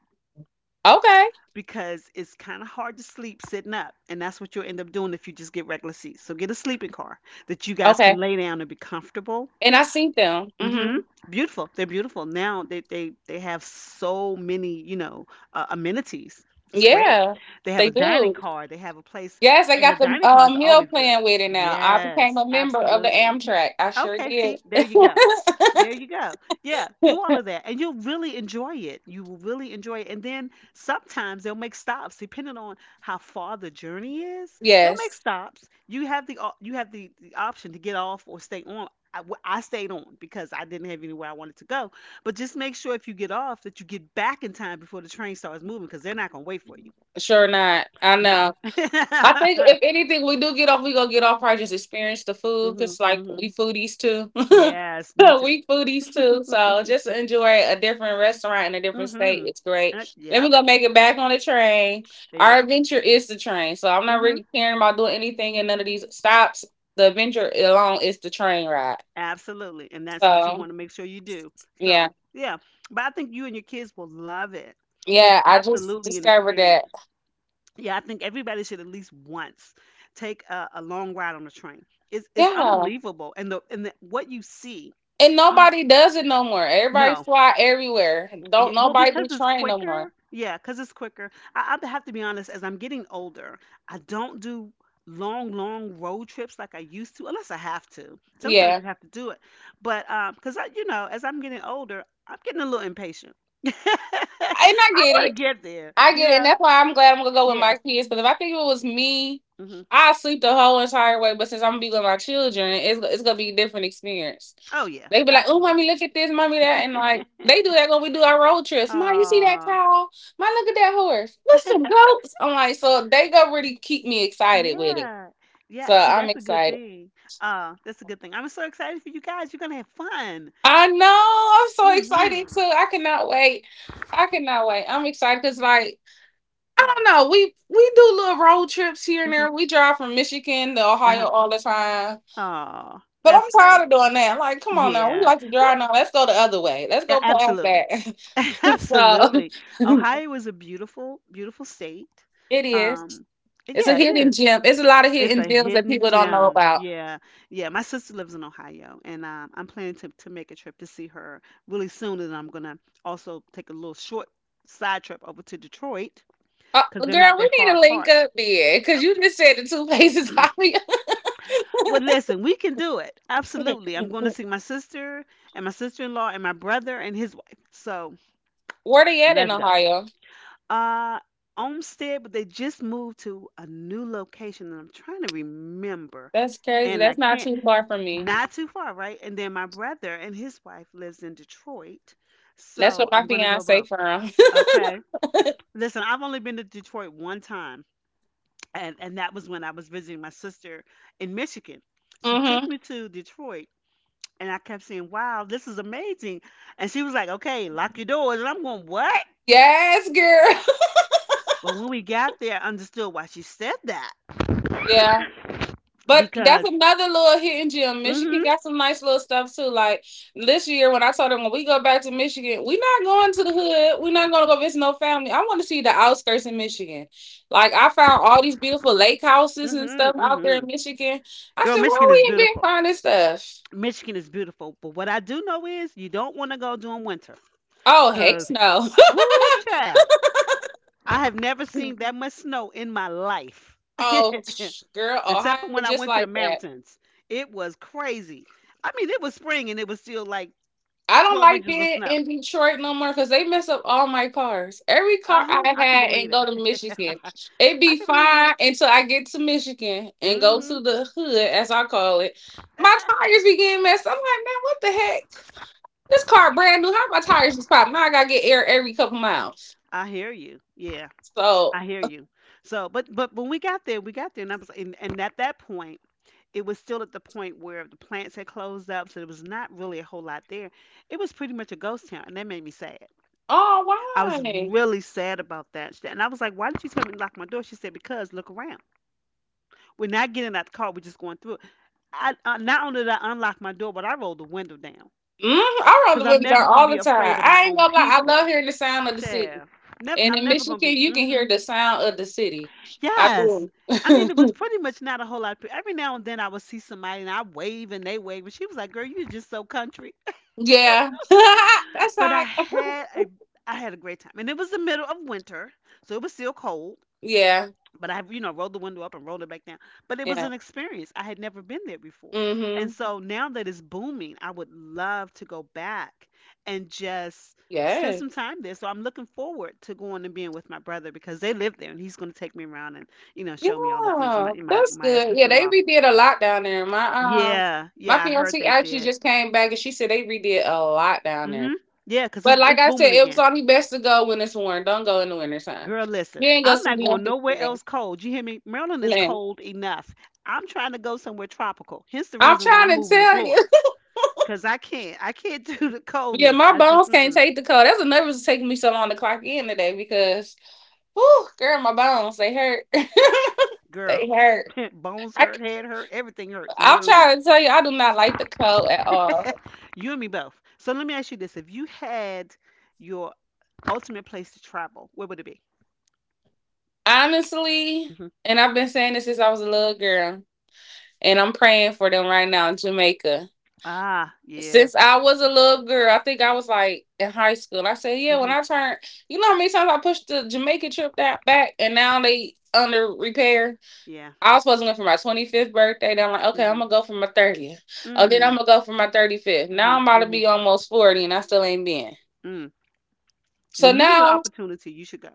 Speaker 2: Okay.
Speaker 1: because it's kind of hard to sleep sitting up, and that's what you'll end up doing if you just get regular seats. So get a sleeping car that you guys
Speaker 2: Okay.
Speaker 1: can lay down and be comfortable.
Speaker 2: And I seen them.
Speaker 1: Hmm.
Speaker 2: Hmm
Speaker 1: Beautiful. They're beautiful. Now they have so many, amenities. It's great.
Speaker 2: Yeah,
Speaker 1: They have a
Speaker 2: they
Speaker 1: dining
Speaker 2: do.
Speaker 1: car. They have a place,
Speaker 2: Yes, I
Speaker 1: and the
Speaker 2: got the
Speaker 1: dining car is
Speaker 2: meal
Speaker 1: always good.
Speaker 2: plan with it now. I became
Speaker 1: Yes,
Speaker 2: a member of the
Speaker 1: absolutely.
Speaker 2: Amtrak. I sure
Speaker 1: Okay,
Speaker 2: did.
Speaker 1: see,
Speaker 2: *laughs*
Speaker 1: there you go. There you go. Yeah, do all of that and you'll really enjoy it. You will really enjoy it. And then sometimes they'll make stops depending on how far the journey is. They'll make
Speaker 2: yes,
Speaker 1: stops. You have the option to get off or stay on. I stayed on because I didn't have anywhere I wanted to go. But just make sure if you get off that you get back in time before the train starts moving because they're not going to wait for you.
Speaker 2: sure not. I
Speaker 1: No.
Speaker 2: know.
Speaker 1: *laughs*
Speaker 2: I think if anything we do get off, we gonna get off probably just experience the food because
Speaker 1: Mhm.
Speaker 2: like
Speaker 1: Mhm.
Speaker 2: we foodies too.
Speaker 1: Yes, me
Speaker 2: *laughs*
Speaker 1: too.
Speaker 2: We foodies too. So just enjoy a different restaurant in a different state.
Speaker 1: Mhm.
Speaker 2: It's great.
Speaker 1: Uh,
Speaker 2: Then we
Speaker 1: yep.
Speaker 2: gonna make it back on the train.
Speaker 1: There you
Speaker 2: Our
Speaker 1: go.
Speaker 2: adventure is the train. So I'm not
Speaker 1: Mm-hmm.
Speaker 2: really caring about doing anything in none of these stops. The adventure alone is the train ride.
Speaker 1: Absolutely. And that's what you
Speaker 2: So
Speaker 1: want to make sure you do.
Speaker 2: yeah.
Speaker 1: So, yeah. But I think you and your kids will love it. It's
Speaker 2: Yeah, I just
Speaker 1: absolutely an
Speaker 2: discovered
Speaker 1: experience.
Speaker 2: that.
Speaker 1: Yeah, I think everybody should at least once take a long ride on a train. It's
Speaker 2: Yeah.
Speaker 1: unbelievable. And the, what you see.
Speaker 2: And
Speaker 1: Oh,
Speaker 2: nobody does it no more. Everybody
Speaker 1: no.
Speaker 2: fly everywhere.
Speaker 1: Yeah,
Speaker 2: Don't
Speaker 1: well,
Speaker 2: nobody do
Speaker 1: because it's
Speaker 2: train no more.
Speaker 1: quicker. Yeah, because it's quicker. I have to be honest, as I'm getting older, I don't do long, long road trips like I used to, unless I have to. Sometimes
Speaker 2: Yeah.
Speaker 1: you have to do it. But because as I'm getting older, I'm getting a little impatient. *laughs* I
Speaker 2: And I get
Speaker 1: want to
Speaker 2: it.
Speaker 1: get there,
Speaker 2: I
Speaker 1: you
Speaker 2: get it. And
Speaker 1: know?
Speaker 2: that's why I'm glad I'm gonna go with
Speaker 1: Yeah.
Speaker 2: my kids. Because if I think it was me,
Speaker 1: Hmm.
Speaker 2: I'll sleep the whole entire way. But since I'm gonna be with my children, it's gonna be a different experience.
Speaker 1: Oh, yeah,
Speaker 2: They be like, "Oh, mommy,
Speaker 1: absolutely.
Speaker 2: look at this, mommy, that," and like they do
Speaker 1: *laughs*
Speaker 2: that when we do our road trips. Ma, you see that
Speaker 1: Aw.
Speaker 2: cow? Ma, look at that horse. What's some goats? I'm like, so they going really keep me excited with it.
Speaker 1: Yeah.
Speaker 2: So
Speaker 1: Yeah.
Speaker 2: I'm
Speaker 1: See, that's a
Speaker 2: excited.
Speaker 1: good thing. That's a good thing. I'm so excited for you guys. You're gonna have fun.
Speaker 2: I know. I'm so excited
Speaker 1: Mhm.
Speaker 2: too. I cannot wait. I cannot wait. I'm excited because like I don't know. We do little road trips here and
Speaker 1: Mhm.
Speaker 2: there. We drive from Michigan to Ohio
Speaker 1: Uh-huh.
Speaker 2: all the time.
Speaker 1: Oh,
Speaker 2: But
Speaker 1: that's
Speaker 2: I'm tired
Speaker 1: great.
Speaker 2: of doing that. Like, come on now. We
Speaker 1: Yeah.
Speaker 2: like to
Speaker 1: Well,
Speaker 2: drive now. Let's go the other way. Let's
Speaker 1: yeah,
Speaker 2: go past
Speaker 1: absolutely. *laughs*
Speaker 2: that.
Speaker 1: Absolutely.
Speaker 2: *laughs* so *laughs*
Speaker 1: Ohio is a beautiful, beautiful state.
Speaker 2: it is.
Speaker 1: Um,
Speaker 2: It's a
Speaker 1: yeah, it
Speaker 2: hidden
Speaker 1: is.
Speaker 2: gem. It's a lot of
Speaker 1: It's
Speaker 2: hidden
Speaker 1: a
Speaker 2: gems that
Speaker 1: hidden
Speaker 2: people don't know
Speaker 1: gem.
Speaker 2: about.
Speaker 1: Yeah. Yeah, my sister lives in Ohio, and I'm planning to make a trip to see her really soon, and I'm gonna also take a little short side trip over to Detroit
Speaker 2: Uh,
Speaker 1: because they're not
Speaker 2: Girl, we
Speaker 1: that
Speaker 2: need
Speaker 1: far
Speaker 2: to link
Speaker 1: apart.
Speaker 2: up there because you just said the two places. *laughs* I
Speaker 1: Well, listen, we can do it. Absolutely. I'm going to see my sister and my sister-in-law and my brother and his wife. So
Speaker 2: where they at in
Speaker 1: let's go.
Speaker 2: Ohio?
Speaker 1: Uh, Olmsted, but they just moved to a new location, and I'm trying to remember,
Speaker 2: That's crazy.
Speaker 1: and I
Speaker 2: That's not
Speaker 1: can't.
Speaker 2: too far from me.
Speaker 1: Not too far, right? And then my brother and his wife lives in Detroit,
Speaker 2: That's where
Speaker 1: so
Speaker 2: my
Speaker 1: I'm going to go
Speaker 2: fiance
Speaker 1: both.
Speaker 2: from.
Speaker 1: Okay. Listen, I've only been to Detroit one time, and that was when I was visiting my sister in Michigan.
Speaker 2: *laughs*
Speaker 1: She took
Speaker 2: hmm
Speaker 1: me to Detroit. And I kept saying, "Wow, this is amazing." And she was like, "Okay, lock your doors." And I'm going, "What?"
Speaker 2: Yes, girl.
Speaker 1: But when we got there, I understood why she said that.
Speaker 2: *laughs* Yeah. But
Speaker 1: Because,
Speaker 2: that's another little hidden gem. Michigan
Speaker 1: mm
Speaker 2: got some nice little stuff too. Like this year, when I told them when we go back to Michigan, we're not going to the hood. We're not going to go visit no family. I want to see the outskirts in Michigan. Like I found all these beautiful lake
Speaker 1: hmm,
Speaker 2: houses
Speaker 1: mm
Speaker 2: and stuff
Speaker 1: hmm, mm
Speaker 2: out there in
Speaker 1: hmm.
Speaker 2: Michigan. I
Speaker 1: Girl,
Speaker 2: said, why
Speaker 1: Michigan is
Speaker 2: we ain't been
Speaker 1: beautiful.
Speaker 2: finding stuff?
Speaker 1: Michigan is beautiful. But what I do know is you don't want to go during winter.
Speaker 2: Oh heck
Speaker 1: Because,
Speaker 2: no!
Speaker 1: woo, child, I have never seen that much snow in my life.
Speaker 2: *laughs* Oh girl,
Speaker 1: *laughs* Except for
Speaker 2: Ohio
Speaker 1: when I
Speaker 2: just
Speaker 1: went to
Speaker 2: like
Speaker 1: the
Speaker 2: that.
Speaker 1: mountains. It was crazy. I mean, it was spring and it was still like
Speaker 2: I don't
Speaker 1: 12
Speaker 2: like
Speaker 1: inches of
Speaker 2: being
Speaker 1: snow.
Speaker 2: in Detroit no more because they mess up all my cars. Every car
Speaker 1: Uh-huh.
Speaker 2: I
Speaker 1: I can
Speaker 2: had and
Speaker 1: believe it.
Speaker 2: go to
Speaker 1: *laughs*
Speaker 2: Michigan, it
Speaker 1: I
Speaker 2: be
Speaker 1: can believe that.
Speaker 2: fine until I get to Michigan and go to
Speaker 1: Mhm.
Speaker 2: the hood, as I call it. My
Speaker 1: Ah,
Speaker 2: tires be getting messed. Up. I'm like, man, what the heck? This car brand new. How my tires just pop? Now I gotta get air every couple miles.
Speaker 1: I hear you. Yeah,
Speaker 2: So,
Speaker 1: I hear you. So, but when we got there, and and at that point, it was still at the point where the plants had closed up, so there was not really a whole lot there. It was pretty much a ghost town, and that made me sad.
Speaker 2: oh
Speaker 1: I was
Speaker 2: why?
Speaker 1: really sad about that. And I was like, "Why did you tell me to lock my door?" She said, "Because look around. We're not getting out the car. We're just going through it." I not only did I unlock my door, but I rolled the window down.
Speaker 2: I roll
Speaker 1: Cause
Speaker 2: the
Speaker 1: I'm
Speaker 2: window down
Speaker 1: never gonna
Speaker 2: all
Speaker 1: be
Speaker 2: the time.
Speaker 1: afraid of my
Speaker 2: I ain't
Speaker 1: own
Speaker 2: gonna lie. I love
Speaker 1: people.
Speaker 2: hearing the sound of the city.
Speaker 1: Yeah, never,
Speaker 2: And
Speaker 1: I'm
Speaker 2: in
Speaker 1: never
Speaker 2: Michigan,
Speaker 1: gonna be.
Speaker 2: you can
Speaker 1: Hmm.
Speaker 2: hear the sound of the city. I
Speaker 1: Yes,
Speaker 2: do.
Speaker 1: I mean it
Speaker 2: *laughs*
Speaker 1: was pretty much not a whole lot of people. Every now and then I would see somebody and I wave and they wave, and she was like, "Girl, you're just so country."
Speaker 2: Yeah. *laughs* That's
Speaker 1: *laughs* But I
Speaker 2: hot.
Speaker 1: had
Speaker 2: *laughs*
Speaker 1: a I had a great time, and it was the middle of winter, so it was still cold.
Speaker 2: Yeah.
Speaker 1: But I rolled the window up and rolled it back down. But it was
Speaker 2: Yeah.
Speaker 1: an experience. I had never been there before.
Speaker 2: Mm-hmm.
Speaker 1: And so now that it's booming, I would love to go back and just spend
Speaker 2: Yeah.
Speaker 1: some time there. So I'm looking forward to going and being with my brother because they live there and he's going to take me around and, show me all the things. And my,
Speaker 2: Yeah.
Speaker 1: my,
Speaker 2: That's
Speaker 1: my
Speaker 2: good. Yeah, they
Speaker 1: sister-in-law.
Speaker 2: redid a lot down there. My um
Speaker 1: Yeah.
Speaker 2: my
Speaker 1: Yeah. I heard
Speaker 2: fiance
Speaker 1: they
Speaker 2: actually
Speaker 1: did.
Speaker 2: just came back and she said they redid a lot down there.
Speaker 1: Hmm. Yeah. Cause it's,
Speaker 2: But like
Speaker 1: it's
Speaker 2: I said,
Speaker 1: booming
Speaker 2: it was
Speaker 1: again.
Speaker 2: only best to go when it's warm. Don't go in the winter time.
Speaker 1: Girl, listen,
Speaker 2: You ain't gonna
Speaker 1: I'm
Speaker 2: see
Speaker 1: not going
Speaker 2: nothing
Speaker 1: nowhere
Speaker 2: for real.
Speaker 1: else cold. You hear me? Maryland is
Speaker 2: Man.
Speaker 1: cold enough. I'm trying to go somewhere tropical. Hence the
Speaker 2: I'm
Speaker 1: reason why I'm
Speaker 2: trying to
Speaker 1: moving to
Speaker 2: tell you.
Speaker 1: Florida.
Speaker 2: *laughs*
Speaker 1: Cause I can't *laughs* do the
Speaker 2: Yeah,
Speaker 1: coldness.
Speaker 2: my
Speaker 1: I just,
Speaker 2: bones can't
Speaker 1: mm-mm.
Speaker 2: take the cold. That's another reason it's taking me so long to clock in today because whew, girl, my bones, they hurt. *laughs* They
Speaker 1: Girl,
Speaker 2: hurt.
Speaker 1: *laughs* bones
Speaker 2: I
Speaker 1: hurt, head hurt, everything hurts.
Speaker 2: am
Speaker 1: No,
Speaker 2: trying to tell you, I do not like the cold at all.
Speaker 1: *laughs* you and me both. So let me ask you this: if you had your ultimate place to travel, where would it be?
Speaker 2: Honestly,
Speaker 1: Hmm.
Speaker 2: and I've been saying this since I was a little girl, and I'm praying for them right now in Jamaica.
Speaker 1: Ah, yeah,
Speaker 2: Since I was a little girl, I think I was like in high school. I said, yeah, when
Speaker 1: hmm,
Speaker 2: I turned, you know how many times I pushed the Jamaica trip that back, and now they under repair.
Speaker 1: yeah,
Speaker 2: I was supposed to go for my 25th birthday. Then I'm like, okay, I'm
Speaker 1: hmm,
Speaker 2: gonna go for my 30th. Oh, then I'm
Speaker 1: mm,
Speaker 2: gonna go for my 35th. Now
Speaker 1: hmm,
Speaker 2: I'm about to
Speaker 1: hmm,
Speaker 2: be almost 40, and I still ain't been.
Speaker 1: mm.
Speaker 2: So
Speaker 1: When you get an
Speaker 2: now
Speaker 1: opportunity, you should go.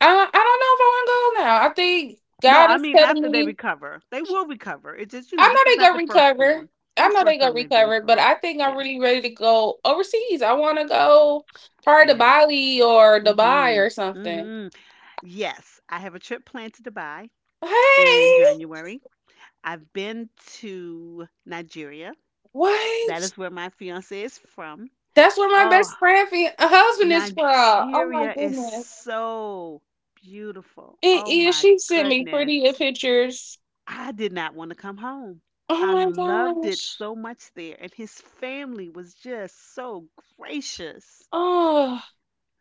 Speaker 2: I don't know if I want to go now. I think
Speaker 1: No,
Speaker 2: God
Speaker 1: I
Speaker 2: is
Speaker 1: mean
Speaker 2: telling
Speaker 1: after they
Speaker 2: me.
Speaker 1: recover, they will recover. It's just, you know,
Speaker 2: I know
Speaker 1: this is
Speaker 2: they
Speaker 1: not
Speaker 2: gonna
Speaker 1: the first
Speaker 2: recover.
Speaker 1: storm,
Speaker 2: I
Speaker 1: not the
Speaker 2: know
Speaker 1: first
Speaker 2: they gonna
Speaker 1: storm they've been
Speaker 2: recover, but
Speaker 1: through.
Speaker 2: I think I'm
Speaker 1: Yeah,
Speaker 2: really ready to go overseas. I want to go part to
Speaker 1: yeah.
Speaker 2: Bali or Dubai
Speaker 1: Mhm.
Speaker 2: or something.
Speaker 1: Mhm. Yes, I have a trip planned to Dubai in
Speaker 2: Hey,
Speaker 1: January. I've been to Nigeria. That
Speaker 2: what?
Speaker 1: is where my fiance is from.
Speaker 2: That's where my
Speaker 1: Oh,
Speaker 2: best friend, husband is from. Oh my
Speaker 1: Nigeria is
Speaker 2: goodness!
Speaker 1: so beautiful.
Speaker 2: It
Speaker 1: Oh
Speaker 2: is.
Speaker 1: my
Speaker 2: She sent me
Speaker 1: goodness.
Speaker 2: pretty pictures.
Speaker 1: I did not want to come home.
Speaker 2: Oh
Speaker 1: I
Speaker 2: my
Speaker 1: loved it
Speaker 2: gosh!
Speaker 1: so much there, and his family was just so gracious.
Speaker 2: Oh,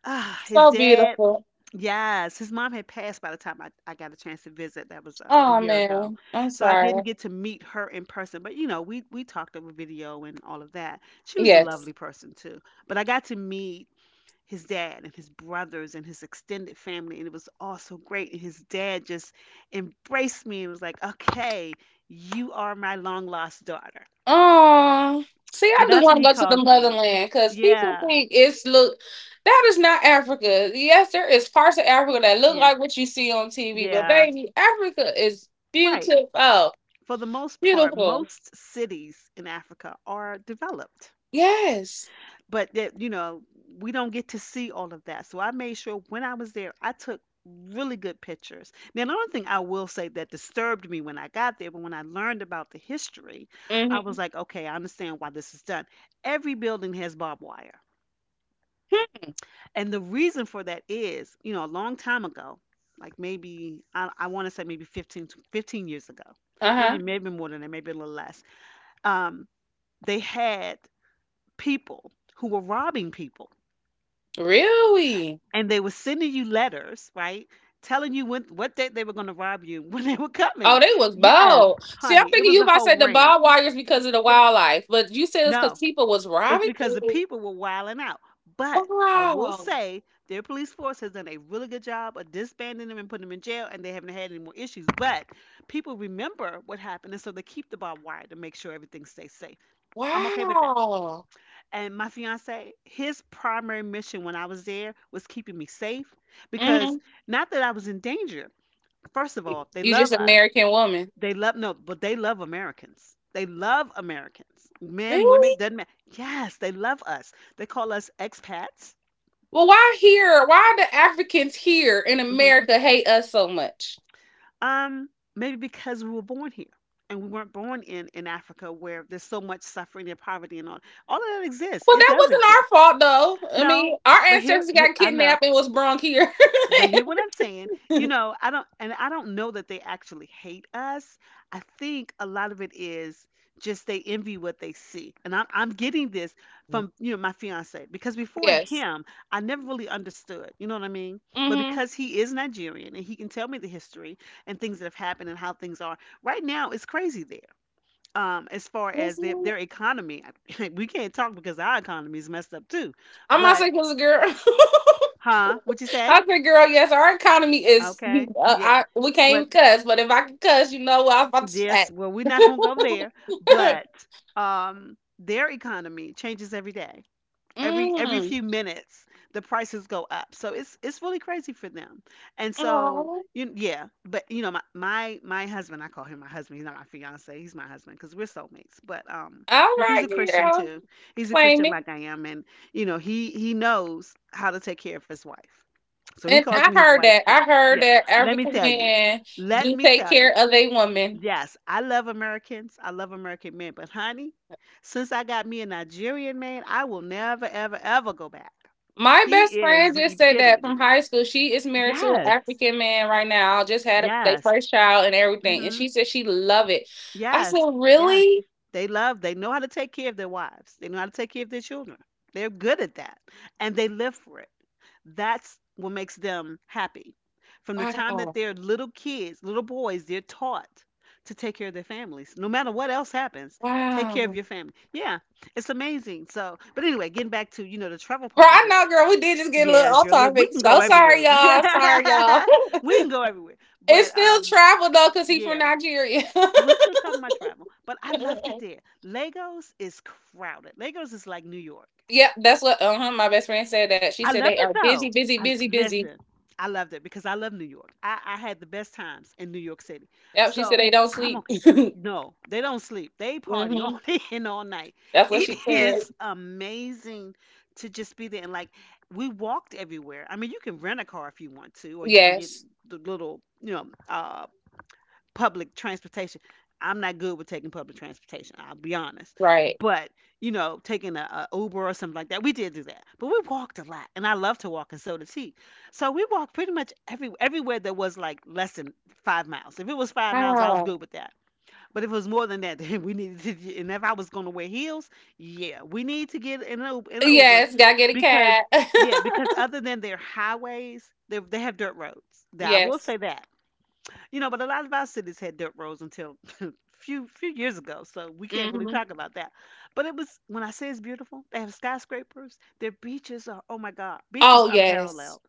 Speaker 1: Ah, his
Speaker 2: so
Speaker 1: dad,
Speaker 2: beautiful.
Speaker 1: yes, his mom had passed by the time I got a chance to visit. That was a
Speaker 2: Oh
Speaker 1: year ago,
Speaker 2: man, I'm
Speaker 1: so I
Speaker 2: sorry.
Speaker 1: didn't get to meet her in person. But you know, we talked over video and all of that. She was a
Speaker 2: Yes.
Speaker 1: lovely person too. But I got to meet his dad and his brothers and his extended family, and it was all so great, and his dad just embraced me and was like, okay, you are my long lost daughter.
Speaker 2: See,
Speaker 1: So
Speaker 2: I do
Speaker 1: that's
Speaker 2: want
Speaker 1: what
Speaker 2: to
Speaker 1: he
Speaker 2: go to the
Speaker 1: calls me.
Speaker 2: motherland because people
Speaker 1: Yeah,
Speaker 2: think it's look that is not Africa. Yes, there is parts of Africa that look
Speaker 1: yeah,
Speaker 2: like what you see on TV, but
Speaker 1: yeah,
Speaker 2: baby, Africa is
Speaker 1: right.
Speaker 2: beautiful,
Speaker 1: For the most part,
Speaker 2: beautiful.
Speaker 1: most cities in Africa are developed,
Speaker 2: Yes.
Speaker 1: but that, you know, we don't get to see all of that, so I made sure when I was there I took really good pictures. Now another thing I will say that disturbed me when I got there, but when I learned about the history, I was
Speaker 2: Mm-hmm.
Speaker 1: like, okay, I understand why this is done. Every building has barbed wire, and the reason for that is, you know, a long time ago, like maybe I want to say maybe 15 years ago,
Speaker 2: Uh
Speaker 1: maybe
Speaker 2: huh.
Speaker 1: more than that, maybe a little less, um, they had people who were robbing people,
Speaker 2: Really?
Speaker 1: and they were sending you letters, right? Telling you when what date they were going to rob you, *laughs* when they were
Speaker 2: Oh,
Speaker 1: coming.
Speaker 2: they was
Speaker 1: Yes,
Speaker 2: bald. See, I'm
Speaker 1: honey, it
Speaker 2: thinking
Speaker 1: was
Speaker 2: you
Speaker 1: a
Speaker 2: might
Speaker 1: whole
Speaker 2: say the
Speaker 1: ring.
Speaker 2: barbed
Speaker 1: *laughs*
Speaker 2: wires because of the wildlife, but you said it's because
Speaker 1: No,
Speaker 2: people was
Speaker 1: it's
Speaker 2: robbing
Speaker 1: because the
Speaker 2: people.
Speaker 1: people were wilding out. But I will
Speaker 2: Wow.
Speaker 1: say their police force has done a really good job of disbanding them and putting them in jail, and they haven't had any more issues. But people remember what happened, and so they keep the barbed wire to make sure everything stays safe. I'm okay with that.
Speaker 2: Wow.
Speaker 1: And my fiance, his primary mission when I was there was keeping me safe, because
Speaker 2: hmm
Speaker 1: not that I was in danger. First of all, they
Speaker 2: You just
Speaker 1: love us.
Speaker 2: American woman.
Speaker 1: They love no, but they love Americans. They love Americans. Men, women,
Speaker 2: Really?
Speaker 1: doesn't matter. Yes, they love us. They call us expats.
Speaker 2: Well, why here? Why the Africans here in
Speaker 1: Mhm.
Speaker 2: America hate us so much?
Speaker 1: Um, maybe because we were born here, and we weren't born in Africa where there's so much suffering and poverty and all. All of that exists.
Speaker 2: Well,
Speaker 1: It
Speaker 2: that
Speaker 1: does
Speaker 2: wasn't our
Speaker 1: exist.
Speaker 2: fault, though. I
Speaker 1: No,
Speaker 2: mean, our
Speaker 1: but here,
Speaker 2: ancestors
Speaker 1: here
Speaker 2: got
Speaker 1: I know.
Speaker 2: kidnapped and was brung here.
Speaker 1: But hear what I'm saying. You know, I don't, and I don't know that they actually hate us. I think a lot of it is just they envy what they see. And I'm getting this from,
Speaker 2: *laughs*
Speaker 1: you know, my fiance, because before
Speaker 2: Yes.
Speaker 1: him, I never really understood, you know what I mean? But
Speaker 2: Mm-hmm.
Speaker 1: because he is Nigerian and he can tell me the history and things that have happened and how things are, right now it's crazy there. As far as their economy, *laughs* we can't talk because our economy is messed up too.
Speaker 2: I'm not
Speaker 1: But,
Speaker 2: saying because girl. *laughs*
Speaker 1: huh? What you say?
Speaker 2: I said, girl, yes, our economy is.
Speaker 1: Okay. Yeah.
Speaker 2: I we can't even
Speaker 1: But
Speaker 2: cuss, but if I could cuss, you know what I was about to
Speaker 1: yes, well, we're not gonna go there,
Speaker 2: say.
Speaker 1: but their economy changes every day.
Speaker 2: *laughs*
Speaker 1: Every
Speaker 2: Mm.
Speaker 1: few minutes, the prices go up. So it's really crazy for them. And
Speaker 2: Aw.
Speaker 1: so
Speaker 2: All
Speaker 1: you yeah, but you know my husband, I call him my husband. He's not my fiance. He's my husband because we're soulmates. But because he's a
Speaker 2: right,
Speaker 1: Christian
Speaker 2: girl.
Speaker 1: too. He's a
Speaker 2: Claim
Speaker 1: Christian
Speaker 2: it.
Speaker 1: like I am, and you know he knows how to take care of his wife. So he
Speaker 2: And
Speaker 1: calls
Speaker 2: I
Speaker 1: me his
Speaker 2: heard
Speaker 1: wife
Speaker 2: that.
Speaker 1: too.
Speaker 2: I heard
Speaker 1: Yeah.
Speaker 2: that
Speaker 1: Let me
Speaker 2: African
Speaker 1: tell you.
Speaker 2: men
Speaker 1: Let
Speaker 2: do
Speaker 1: me
Speaker 2: take
Speaker 1: tell
Speaker 2: care
Speaker 1: you.
Speaker 2: of a woman.
Speaker 1: Yes, I love Americans. I love American men. But honey, since I got me a Nigerian man, I will never, ever, ever go back.
Speaker 2: My
Speaker 1: He
Speaker 2: best
Speaker 1: is
Speaker 2: friend
Speaker 1: the
Speaker 2: just said that from
Speaker 1: epitome.
Speaker 2: high school. She is married to an
Speaker 1: Yes.
Speaker 2: African man right now. Just had their
Speaker 1: Yes.
Speaker 2: first child and everything, and
Speaker 1: Hmm.
Speaker 2: she said she love it. I said,
Speaker 1: Yes. Yes.
Speaker 2: really?
Speaker 1: They love, they know how to take care of their wives. They know how to take care of their children. They're good at that. And they live for it. That's what makes them happy. From the time that
Speaker 2: Wow,
Speaker 1: they're little kids, little boys, they're taught to take care of their families. No matter what else happens, take care of
Speaker 2: wow,
Speaker 1: your family. Yeah, it's amazing. So, but anyway, getting back to, you know, the travel
Speaker 2: bro.
Speaker 1: part of
Speaker 2: I
Speaker 1: it.
Speaker 2: know, girl. We did just get a
Speaker 1: Yeah,
Speaker 2: little off
Speaker 1: girl, look, we
Speaker 2: topic.
Speaker 1: can go
Speaker 2: So sorry,
Speaker 1: everywhere. *laughs* We
Speaker 2: y'all. Sorry, y'all. *laughs*
Speaker 1: can go everywhere.
Speaker 2: It's
Speaker 1: But
Speaker 2: still
Speaker 1: um,
Speaker 2: travel though, cause he from
Speaker 1: yeah,
Speaker 2: Nigeria.
Speaker 1: we're still talking about travel. But I loved it
Speaker 2: *laughs*
Speaker 1: there. Lagos is crowded. Lagos is like New York.
Speaker 2: Yep, that's what uh-huh, my best friend said that. She
Speaker 1: I
Speaker 2: said they
Speaker 1: loved
Speaker 2: are
Speaker 1: it
Speaker 2: busy,
Speaker 1: though.
Speaker 2: busy,
Speaker 1: I
Speaker 2: busy, busy.
Speaker 1: listen. I loved it because I love New York. I had the best times in New York City.
Speaker 2: Yep, she said
Speaker 1: So
Speaker 2: they don't
Speaker 1: I'm
Speaker 2: sleep.
Speaker 1: okay.
Speaker 2: *laughs*
Speaker 1: No, they don't sleep. They party all
Speaker 2: hmm
Speaker 1: *laughs* day and all night.
Speaker 2: That's what
Speaker 1: It
Speaker 2: she said.
Speaker 1: is amazing to just be there. And like we walked everywhere. I mean, you can rent a car if you want to, or you can get
Speaker 2: Yes,
Speaker 1: the little, you know, public transportation. I'm not good with taking public transportation. I'll be honest,
Speaker 2: right.
Speaker 1: but you know, taking a Uber or something like that, we did do that. But we walked a lot, and I love to walk, and so does he. So we walked pretty much everywhere that was like less than 5 miles. If it was 5 miles, I was
Speaker 2: Wow.
Speaker 1: good with that. But if it was more than that, *laughs* then we needed to and if I was going to wear heels, yeah, we need to get in an Uber, in an Uber,
Speaker 2: Yes, gotta get a
Speaker 1: because
Speaker 2: cat. *laughs*
Speaker 1: yeah, because other than their highways, they have dirt roads. Now I will
Speaker 2: Yes.
Speaker 1: say that you know, but a lot of our cities had dirt roads until *laughs* a few years ago, so we can't really
Speaker 2: hmm
Speaker 1: talk about that. But it was, when I say it's beautiful, they have skyscrapers. Their beaches are, oh my God, beaches
Speaker 2: Oh
Speaker 1: unparalleled.
Speaker 2: yes.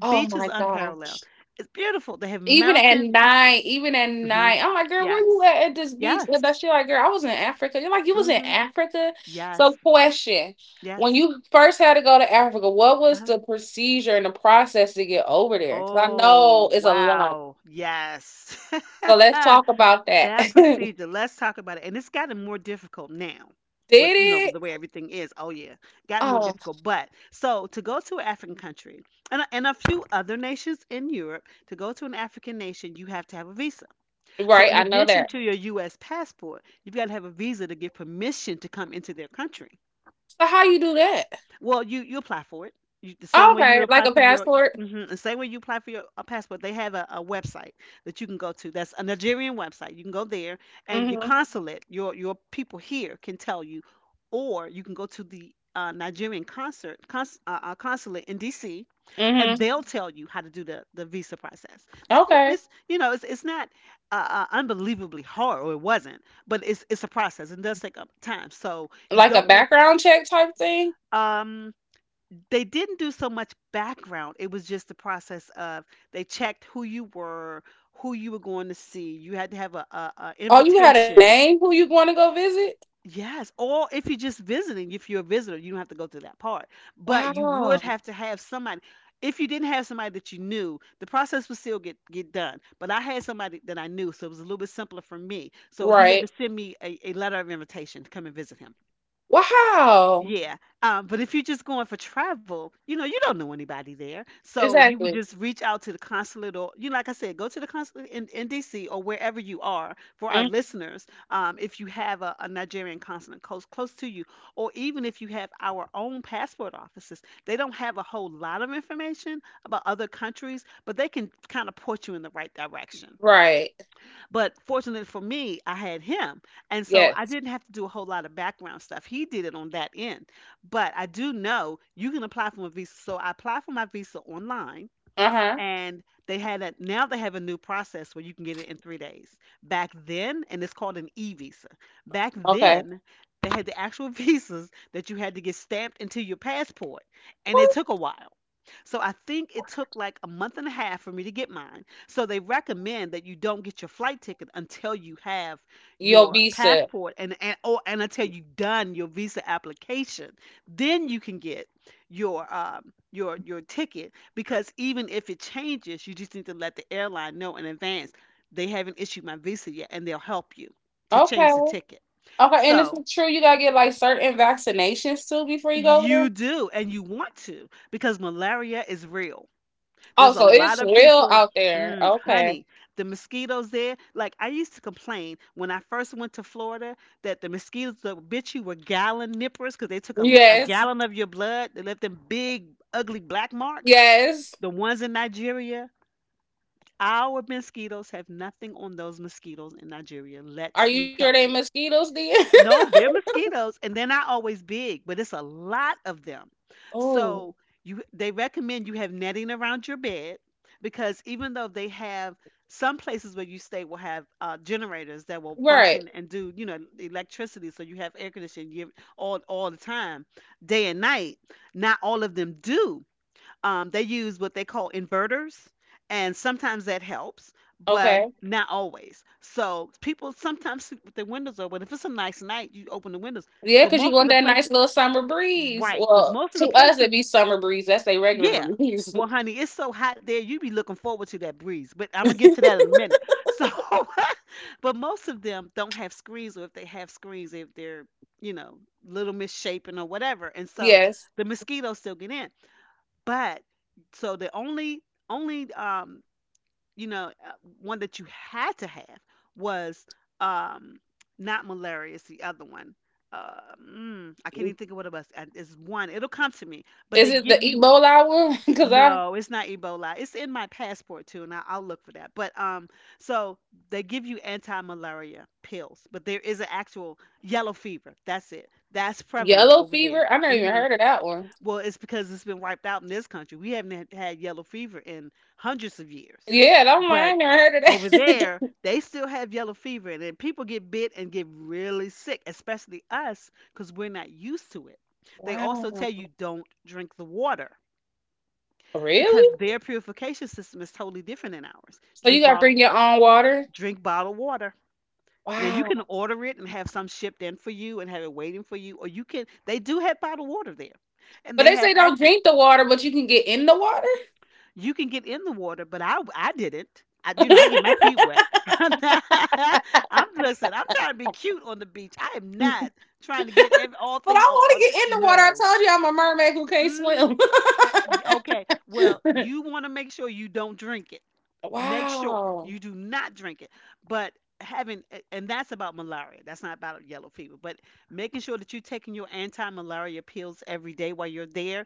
Speaker 2: Oh
Speaker 1: Beaches
Speaker 2: my gosh.
Speaker 1: unparalleled. It's beautiful. They have mountains.
Speaker 2: Even at
Speaker 1: Hmm.
Speaker 2: night, I'm like, girl, where you
Speaker 1: Yes,
Speaker 2: at this beach? And
Speaker 1: yes,
Speaker 2: that she like, girl, I was in Africa. You're like, you was in
Speaker 1: hmm,
Speaker 2: Africa. So,
Speaker 1: yes,
Speaker 2: question: When
Speaker 1: yes.
Speaker 2: you first had to go to Africa, what was
Speaker 1: Uh-huh.
Speaker 2: the procedure and the process to get over there? Because I know
Speaker 1: Oh,
Speaker 2: it's a lot.
Speaker 1: wow. Yes.
Speaker 2: So let's
Speaker 1: *laughs*
Speaker 2: talk about that.
Speaker 1: That
Speaker 2: *laughs*
Speaker 1: procedure, let's talk about it. And it's gotten more difficult now with, you know,
Speaker 2: Did
Speaker 1: with
Speaker 2: it?
Speaker 1: the way everything is. Oh, yeah. Gotten more
Speaker 2: Oh,
Speaker 1: difficult. But so to go to an African country and a few other nations in Europe, to go to an African nation, you have to have a visa. So
Speaker 2: right.
Speaker 1: in
Speaker 2: I know
Speaker 1: addition
Speaker 2: that.
Speaker 1: to your U.S. passport, you've got to have a visa to get permission to come into their country.
Speaker 2: So how you do that?
Speaker 1: Well, you apply for it. You, the same
Speaker 2: Oh,
Speaker 1: way you would
Speaker 2: okay, like
Speaker 1: apply
Speaker 2: a
Speaker 1: for your
Speaker 2: passport.
Speaker 1: hmm the same way you apply for your a passport. They have a website that you can go to. That's a Nigerian website. You can go there, and your
Speaker 2: Mm-hmm.
Speaker 1: consulate, your people here can tell you, or you can go to the Nigerian consulate in D.C. and
Speaker 2: Mm-hmm.
Speaker 1: they'll tell you how to do the visa process.
Speaker 2: Okay,
Speaker 1: It's you know it's not unbelievably hard, or it wasn't, but it's a process. It does take up time, so you
Speaker 2: like a
Speaker 1: don't want.
Speaker 2: background check type thing.
Speaker 1: Um, they didn't do so much background. It was just the process of they checked who you were going to see. You had to have a
Speaker 2: Oh, you had a
Speaker 1: invitation.
Speaker 2: name who you want to go visit?
Speaker 1: Yes, or if you're just visiting, if you're a visitor, you don't have to go through that part. But you would
Speaker 2: Wow.
Speaker 1: have to have somebody. If you didn't have somebody that you knew, the process would still get done. But I had somebody that I knew, so it was a little bit simpler for me. So he had
Speaker 2: Right.
Speaker 1: to send me a letter of invitation to come and visit him.
Speaker 2: Wow.
Speaker 1: Yeah. But if you're just going for travel, you know, you don't know anybody there. So you would
Speaker 2: Exactly.
Speaker 1: just reach out to the consulate or, you know, like I said, go to the consulate in, DC, or wherever you are, for our
Speaker 2: Mm,
Speaker 1: listeners. If you have a Nigerian consulate close to you, or even if you have our own passport offices, they don't have a whole lot of information about other countries, but they can kind of port you in the right direction.
Speaker 2: right.
Speaker 1: But fortunately for me, I had him. And so I
Speaker 2: Yes.
Speaker 1: didn't have to do a whole lot of background stuff. He did it on that end. But I do know you can apply for a visa. So I applied for my visa online,
Speaker 2: Uh huh.
Speaker 1: and they had a now they have a new process where you can get it in 3 days. Back then, and it's called an e visa. Back
Speaker 2: Okay.
Speaker 1: then, they had the actual *laughs* visas that you had to get stamped into your passport. And it
Speaker 2: What?
Speaker 1: took a while. So I think it took like a month and a half for me to get mine. So they recommend that you don't get your flight ticket until you have
Speaker 2: Your
Speaker 1: your
Speaker 2: visa.
Speaker 1: passport, and until you've done your visa application. Then you can get your ticket, because even if it changes, you just need to let the airline know in advance they haven't issued my visa yet, and they'll help you to
Speaker 2: Okay.
Speaker 1: change the ticket.
Speaker 2: Okay. And it's
Speaker 1: So
Speaker 2: true. You gotta get like certain vaccinations too before you go over there.
Speaker 1: you do, and you want to, because malaria is real.
Speaker 2: Oh,
Speaker 1: There's a
Speaker 2: so
Speaker 1: lot
Speaker 2: it's
Speaker 1: of
Speaker 2: real
Speaker 1: people.
Speaker 2: out there.
Speaker 1: Mm,
Speaker 2: Okay.
Speaker 1: honey, the mosquitoes there. Like, I used to complain when I first went to Florida that the mosquitoes that bit you were gallon nippers, because they took a
Speaker 2: Yes.
Speaker 1: gallon of your blood. They left them big, ugly black marks.
Speaker 2: Yes.
Speaker 1: The ones in Nigeria, our mosquitoes have nothing on those mosquitoes in Nigeria. Let
Speaker 2: Are
Speaker 1: me
Speaker 2: you sure
Speaker 1: tell
Speaker 2: they
Speaker 1: you.
Speaker 2: mosquitoes then? *laughs*
Speaker 1: No, they're mosquitoes, and they're not always big, but it's a lot of them. Oh.
Speaker 2: Oh,
Speaker 1: So you, they recommend you have netting around your bed, because even though they have, some places where you stay will have generators that will
Speaker 2: right.
Speaker 1: function and do, you know, electricity, so you have air conditioning, you have all the time, day and night. Not all of them do. They use what they call inverters, and sometimes that helps, but
Speaker 2: Okay.
Speaker 1: not always. So people sometimes sleep with their windows open. If it's a nice night, you open the windows.
Speaker 2: Yeah,
Speaker 1: But
Speaker 2: because you
Speaker 1: most of
Speaker 2: want
Speaker 1: the
Speaker 2: that nice
Speaker 1: places,
Speaker 2: little summer breeze.
Speaker 1: right? But
Speaker 2: Well,
Speaker 1: most of the
Speaker 2: to us, it'd
Speaker 1: places,
Speaker 2: be summer breeze. That's a regular
Speaker 1: yeah.
Speaker 2: breeze.
Speaker 1: Well, honey, it's so hot there. You be looking forward to that breeze. But I'm gonna get to that in a minute. So, *laughs* but most of them don't have screens, or if they have screens, if they're, you know, little misshapen or whatever, and
Speaker 2: *laughs*
Speaker 1: so
Speaker 2: Yes.
Speaker 1: the mosquitoes still get in. But so the only only um you know uh, one that you had to have was, um not malaria. It's the other one. I can't
Speaker 2: Is
Speaker 1: even think of what it was. It's one. It'll come to me. But they
Speaker 2: it the
Speaker 1: give you,
Speaker 2: Ebola one? *laughs*
Speaker 1: no. It's not Ebola. It's in my passport too, and I'll look for that. But so they give you anti-malaria pills, but there is an actual yellow fever. That's it. That's prevalent
Speaker 2: Yellow
Speaker 1: over there.
Speaker 2: fever, I never even
Speaker 1: Hmm,
Speaker 2: heard of that one.
Speaker 1: well, it's because it's been wiped out in this country. We haven't had yellow fever in hundreds of years.
Speaker 2: Yeah, don't
Speaker 1: But
Speaker 2: mind. I never heard of
Speaker 1: over
Speaker 2: that.
Speaker 1: there, they still have yellow fever, and then people get bit and get really sick, especially us, because we're not used to it.
Speaker 2: *laughs*
Speaker 1: They
Speaker 2: Wow.
Speaker 1: also tell you don't drink the water, because
Speaker 2: Really?
Speaker 1: their purification system is totally different than ours.
Speaker 2: So you got to bring your own water?
Speaker 1: Drink bottled water. Now you can
Speaker 2: Wow.
Speaker 1: order it and have some shipped in for you and have it waiting for you, or you can. They do have bottled water there, and
Speaker 2: But
Speaker 1: they
Speaker 2: they say
Speaker 1: have
Speaker 2: don't
Speaker 1: actually,
Speaker 2: drink the water, but you can get in the water?
Speaker 1: you can get in the water, but I didn't. I, you know, I get my feet wet. *laughs* I'm not, I'm, listen, I'm trying to be cute on the beach. I am not trying to get every, all
Speaker 2: But I
Speaker 1: thing
Speaker 2: want to
Speaker 1: off.
Speaker 2: get in the water. I
Speaker 1: No.
Speaker 2: told you I'm a mermaid who can't
Speaker 1: Hmm. Okay, well,
Speaker 2: swim.
Speaker 1: you want to make sure you don't drink it.
Speaker 2: *laughs*
Speaker 1: Make sure
Speaker 2: Wow.
Speaker 1: you do not drink it. But and that's about malaria. That's not about yellow fever. But making sure that you're taking your anti-malaria pills every day while you're there,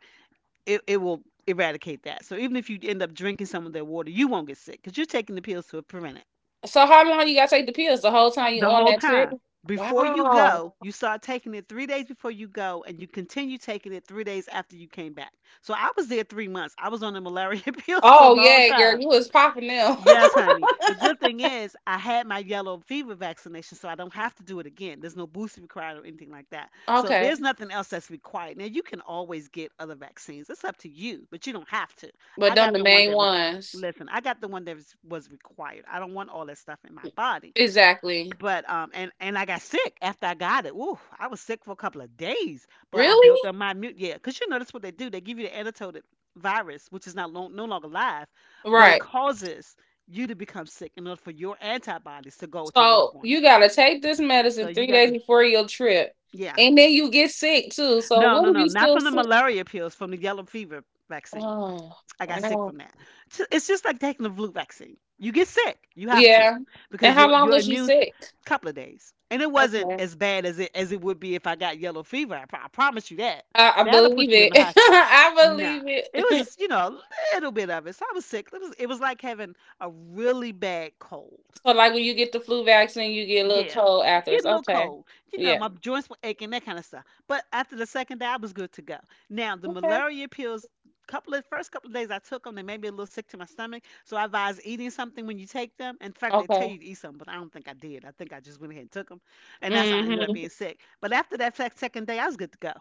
Speaker 1: it will eradicate that. So even if you end up drinking some of their water, you won't get sick, because you're taking the pills to prevent it.
Speaker 2: So how long you gotta take the pills? The whole time you
Speaker 1: The
Speaker 2: on
Speaker 1: whole
Speaker 2: that trip?
Speaker 1: time. Before you
Speaker 2: Wow.
Speaker 1: go, you start taking it 3 days before you go, and you continue taking it 3 days after you came back. So I was there 3 months. I was on the malaria *laughs* pills for a
Speaker 2: Oh
Speaker 1: long
Speaker 2: yeah, girl,
Speaker 1: time.
Speaker 2: you was popping them.
Speaker 1: Yes, honey. The good thing is I had my yellow fever vaccination, so I don't have to do it again. There's no booster required or anything like that.
Speaker 2: *laughs*
Speaker 1: So
Speaker 2: Okay.
Speaker 1: there's nothing else that's required. Now you can always get other vaccines. It's up to you, but you don't have to.
Speaker 2: But
Speaker 1: I
Speaker 2: them the
Speaker 1: got the one
Speaker 2: main
Speaker 1: that was
Speaker 2: ones.
Speaker 1: Listen, I got the one that was required. I don't want all that stuff in my body.
Speaker 2: Exactly.
Speaker 1: But and I got sick after I got it. Ooh, I was sick for a couple of days, but I built
Speaker 2: Really?
Speaker 1: up my immune. Yeah, because you know that's what they do. They give you the antidote virus, which is not long, no longer live, but it
Speaker 2: Right.
Speaker 1: causes you to become sick in order for your antibodies to go to work
Speaker 2: So
Speaker 1: on it.
Speaker 2: you gotta take this
Speaker 1: So
Speaker 2: medicine
Speaker 1: you
Speaker 2: three
Speaker 1: got
Speaker 2: days before your trip.
Speaker 1: Yeah.
Speaker 2: And then you get sick too. So
Speaker 1: No,
Speaker 2: what
Speaker 1: no,
Speaker 2: if
Speaker 1: no,
Speaker 2: you
Speaker 1: not
Speaker 2: still
Speaker 1: from the
Speaker 2: sick?
Speaker 1: malaria pills, from the yellow fever vaccine.
Speaker 2: Oh,
Speaker 1: I got sick
Speaker 2: wow.
Speaker 1: from that. It's just like taking the flu vaccine. You get sick, you have to,
Speaker 2: Yeah. And
Speaker 1: because
Speaker 2: how
Speaker 1: your
Speaker 2: long was you sick?
Speaker 1: couple of days. And it wasn't
Speaker 2: Okay.
Speaker 1: as bad as it would be if I got yellow fever. I promise you that.
Speaker 2: I
Speaker 1: That'll
Speaker 2: believe
Speaker 1: put you in
Speaker 2: it.
Speaker 1: the
Speaker 2: *laughs*
Speaker 1: hospital.
Speaker 2: I
Speaker 1: Nah,
Speaker 2: believe
Speaker 1: it was
Speaker 2: it. *laughs*
Speaker 1: just, you know, a little bit of it. So I was sick. It was like having a really bad cold.
Speaker 2: So, like when you get the flu vaccine, you get a little
Speaker 1: Yeah.
Speaker 2: cold
Speaker 1: It's
Speaker 2: afterwards.
Speaker 1: getting a little
Speaker 2: Okay.
Speaker 1: cold. You know,
Speaker 2: Yeah.
Speaker 1: my joints were aching, that kind of stuff. But after the second day, I was good to go. Now, the
Speaker 2: Okay.
Speaker 1: malaria pills, couple of first couple of days I took them, they made me a little sick to my stomach. So I advise eating something when you take them. In fact, they tell
Speaker 2: Okay.
Speaker 1: you to eat something, but I don't think I did. I think I just went ahead and took them. And that's how I ended
Speaker 2: hmm
Speaker 1: up being sick. But after that second day, I was good to go.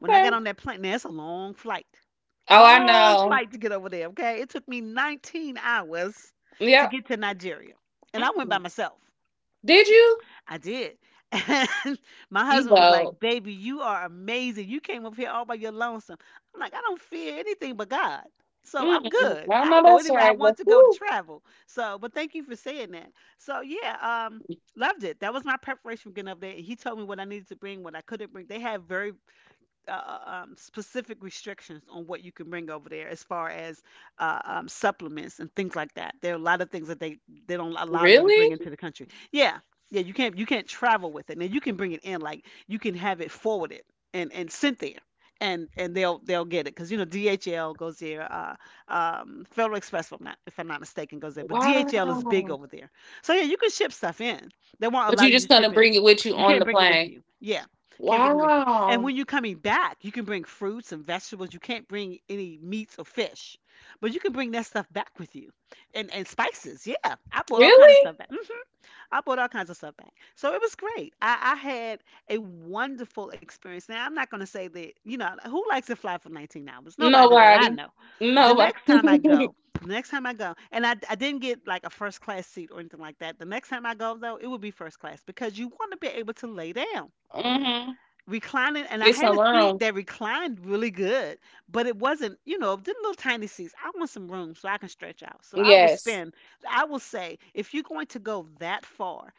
Speaker 1: When I got on that plane, now it's a long flight.
Speaker 2: Oh, I
Speaker 1: Long
Speaker 2: know.
Speaker 1: flight to get over there, okay? It took me 19 hours to
Speaker 2: Yep.
Speaker 1: get to Nigeria. And I went by
Speaker 2: Mm.
Speaker 1: myself.
Speaker 2: Did you?
Speaker 1: I did. *laughs* And my
Speaker 2: You
Speaker 1: husband was
Speaker 2: both.
Speaker 1: like, "Baby, you are amazing. You came up here all by your lonesome." I'm like, I don't fear anything but God. So I'm
Speaker 2: Mm.
Speaker 1: good.
Speaker 2: I
Speaker 1: I'll
Speaker 2: know
Speaker 1: go
Speaker 2: that's
Speaker 1: anywhere I
Speaker 2: right. But
Speaker 1: want to go to
Speaker 2: whew,
Speaker 1: travel. So, but thank you for saying that. So, yeah, um, loved it. That was my preparation for getting up there. He told me what I needed to bring, what I couldn't bring. They have very uh, uh, specific restrictions on what you can bring over there as far as supplements and things like that. There are a lot of things that they don't allow you to
Speaker 2: really?
Speaker 1: bring into the country. Yeah, yeah, you can't travel with it. Now you can bring it in, like you can have it forwarded and sent there. And they'll get it, because you know DHL goes there, Federal Express, if I'm not mistaken, goes there. But DHL is big
Speaker 2: Wow.
Speaker 1: over there, so yeah, you can ship stuff in. They won't
Speaker 2: But
Speaker 1: allow
Speaker 2: you
Speaker 1: you
Speaker 2: just
Speaker 1: to
Speaker 2: gonna
Speaker 1: ship in.
Speaker 2: bring it with you
Speaker 1: You
Speaker 2: on
Speaker 1: can't
Speaker 2: the
Speaker 1: bring it with
Speaker 2: plane.
Speaker 1: you. Yeah, can't bring it with you. And
Speaker 2: Wow.
Speaker 1: when you're coming back, you can bring fruits and vegetables. You can't bring any meats or fish, but you can bring that stuff back with you, and spices. Yeah, I bought all kinds of
Speaker 2: Really?
Speaker 1: stuff back. Mhm. I bought all kinds of stuff back. So it was great. I had a wonderful experience. Now I'm not going to say that, you know, who likes to fly for 19 hours? Nobody that I
Speaker 2: Nobody.
Speaker 1: know. The
Speaker 2: Nobody.
Speaker 1: next time I
Speaker 2: *laughs*
Speaker 1: go, the next time I go, and I didn't get like a first class seat or anything like that. The next time I go though, it would be first class because you want to be able to lay down
Speaker 2: hmm
Speaker 1: reclining and I
Speaker 2: Get
Speaker 1: had
Speaker 2: some
Speaker 1: a seat
Speaker 2: room.
Speaker 1: that reclined really good, but it wasn't, the little tiny seats. I want some room so I can stretch out. So I will
Speaker 2: Yes.
Speaker 1: spend, I will say, if you're going to go that far,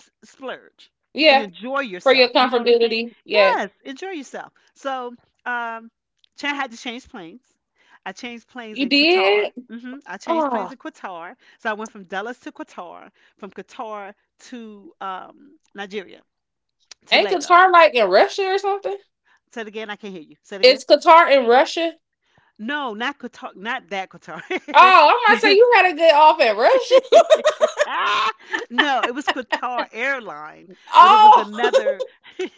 Speaker 1: splurge and
Speaker 2: Yeah,
Speaker 1: enjoy
Speaker 2: for your
Speaker 1: yourself. You know what I'm saying?
Speaker 2: comfortability. Yeah,
Speaker 1: Yes, enjoy yourself. So um Chan had to change planes. I changed planes
Speaker 2: you
Speaker 1: in Qatar.
Speaker 2: did.
Speaker 1: I changed
Speaker 2: Oh,
Speaker 1: planes in Qatar. So I went from Dallas to Qatar, from Qatar to Nigeria, to
Speaker 2: ain't
Speaker 1: Lagos.
Speaker 2: Qatar like in Russia or something?
Speaker 1: Say it again. I can't hear you. Say it again.
Speaker 2: It's Qatar in Russia.
Speaker 1: No, not Qatar. Not that
Speaker 2: Oh,
Speaker 1: Qatar.
Speaker 2: I
Speaker 1: *laughs*
Speaker 2: might say
Speaker 1: This.
Speaker 2: you had a good off in
Speaker 1: *laughs*
Speaker 2: Russia.
Speaker 1: Ah. No, it was Qatar airline,
Speaker 2: *laughs*
Speaker 1: but it was
Speaker 2: Oh, *laughs*
Speaker 1: another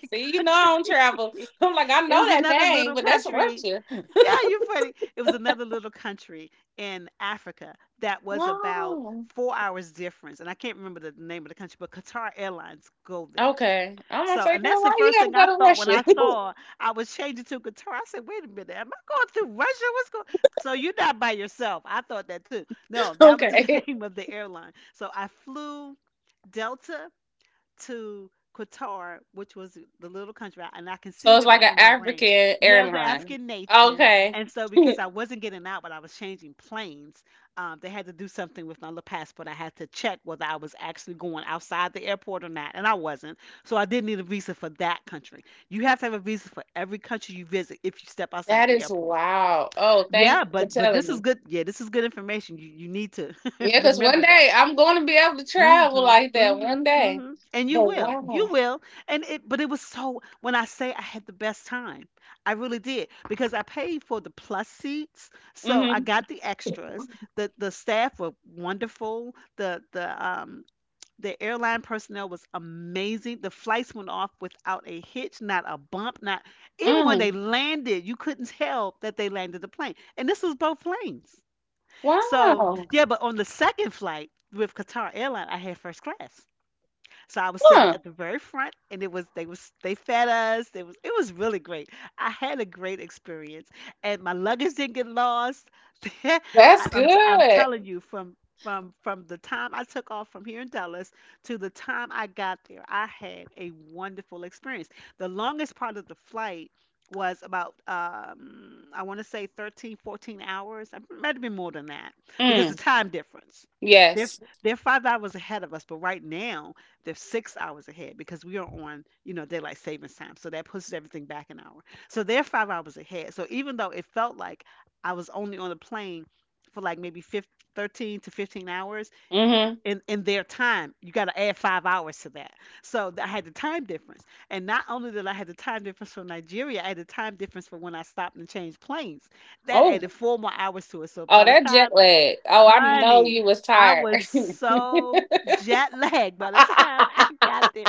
Speaker 2: see, you know I
Speaker 1: country.
Speaker 2: don't travel.
Speaker 1: *laughs*
Speaker 2: I'm like I
Speaker 1: It
Speaker 2: know
Speaker 1: was
Speaker 2: that
Speaker 1: another
Speaker 2: name,
Speaker 1: little
Speaker 2: but that's
Speaker 1: country.
Speaker 2: Russia.
Speaker 1: Yeah, you're funny. It was another little country in Africa that was about
Speaker 2: Wow.
Speaker 1: 4 hours difference, and I can't remember the name of the country, but Qatar Airlines go there.
Speaker 2: Okay, I'm gonna
Speaker 1: So,
Speaker 2: say,
Speaker 1: and
Speaker 2: girl,
Speaker 1: that's the
Speaker 2: why
Speaker 1: first
Speaker 2: you
Speaker 1: thing I
Speaker 2: gotta go to
Speaker 1: thought when
Speaker 2: Russia?
Speaker 1: I saw I was changing to guitar. I said, "Wait a minute, am I going through Russia? What's going" So you're not by yourself. I thought that too. No,
Speaker 2: *laughs*
Speaker 1: that was the
Speaker 2: Okay,
Speaker 1: *laughs* name of the airline. So I flew Delta to Qatar, which was the little country, and I can see
Speaker 2: so
Speaker 1: it
Speaker 2: it's
Speaker 1: in
Speaker 2: like
Speaker 1: my
Speaker 2: an
Speaker 1: in my brain.
Speaker 2: African
Speaker 1: Yeah, it was an
Speaker 2: airline.
Speaker 1: African nation,
Speaker 2: Okay,
Speaker 1: and so because I wasn't getting out, but I was changing planes, they had to do something with my little passport. I had to check whether I was actually going outside the airport or not, and I wasn't. So I did need a visa for that country. You have to have a visa for every country you visit if you step
Speaker 2: *laughs*
Speaker 1: outside
Speaker 2: that
Speaker 1: the
Speaker 2: is
Speaker 1: airport.
Speaker 2: wow. Oh, thank
Speaker 1: Yeah,
Speaker 2: you for
Speaker 1: but
Speaker 2: telling
Speaker 1: this is
Speaker 2: me.
Speaker 1: good. Yeah, this is good information. You need to *laughs*
Speaker 2: Yeah, because one
Speaker 1: remember that.
Speaker 2: day I'm going to be able to travel
Speaker 1: Mhm,
Speaker 2: like that one
Speaker 1: mhm,
Speaker 2: day.
Speaker 1: mhm. And you
Speaker 2: But
Speaker 1: will, you
Speaker 2: wow.
Speaker 1: will. But it was so. When I say I had the best time, I really did because I paid for the plus seats, so I
Speaker 2: Mm-hmm.
Speaker 1: got the extras. The staff were wonderful. The airline personnel was amazing. The flights went off without a hitch, not a bump, not even when they
Speaker 2: Mm.
Speaker 1: landed, you couldn't tell that they landed the plane. And this was both planes. So
Speaker 2: Wow.
Speaker 1: yeah, but on the second flight with Qatar Airline, I had first class. So I was sitting
Speaker 2: Huh.
Speaker 1: at the very front, and it was they fed us. It was really great. I had a great experience, and my luggage didn't get lost. *laughs* I-
Speaker 2: That's
Speaker 1: I'm
Speaker 2: good.
Speaker 1: telling you from. From the time I took off from here in Dallas to the time I got there, I had a wonderful experience. The longest part of the flight was about I want to say 13, 14 hours. It might have been more than that because the
Speaker 2: Mm.
Speaker 1: time difference. They're
Speaker 2: Yes.
Speaker 1: they're 5 hours ahead of us, but right now they're 6 hours ahead because we are on daylight savings time, so that pushes everything back an hour, so they're 5 hours ahead, so even though it felt like I was only on the plane for like maybe 15, 13 to 15 hours,
Speaker 2: Mm-hmm.
Speaker 1: in their time you got to add 5 hours to that. So I had the time difference, and not only did I have the time difference from Nigeria, I had the time difference for when I stopped and changed planes. That
Speaker 2: Oh.
Speaker 1: added 4 more hours to it, so
Speaker 2: Oh,
Speaker 1: by the
Speaker 2: that jet
Speaker 1: time,
Speaker 2: lag. Oh, I know
Speaker 1: honey,
Speaker 2: you was
Speaker 1: I
Speaker 2: tired.
Speaker 1: was
Speaker 2: *laughs*
Speaker 1: so jet lagged by the time I got there.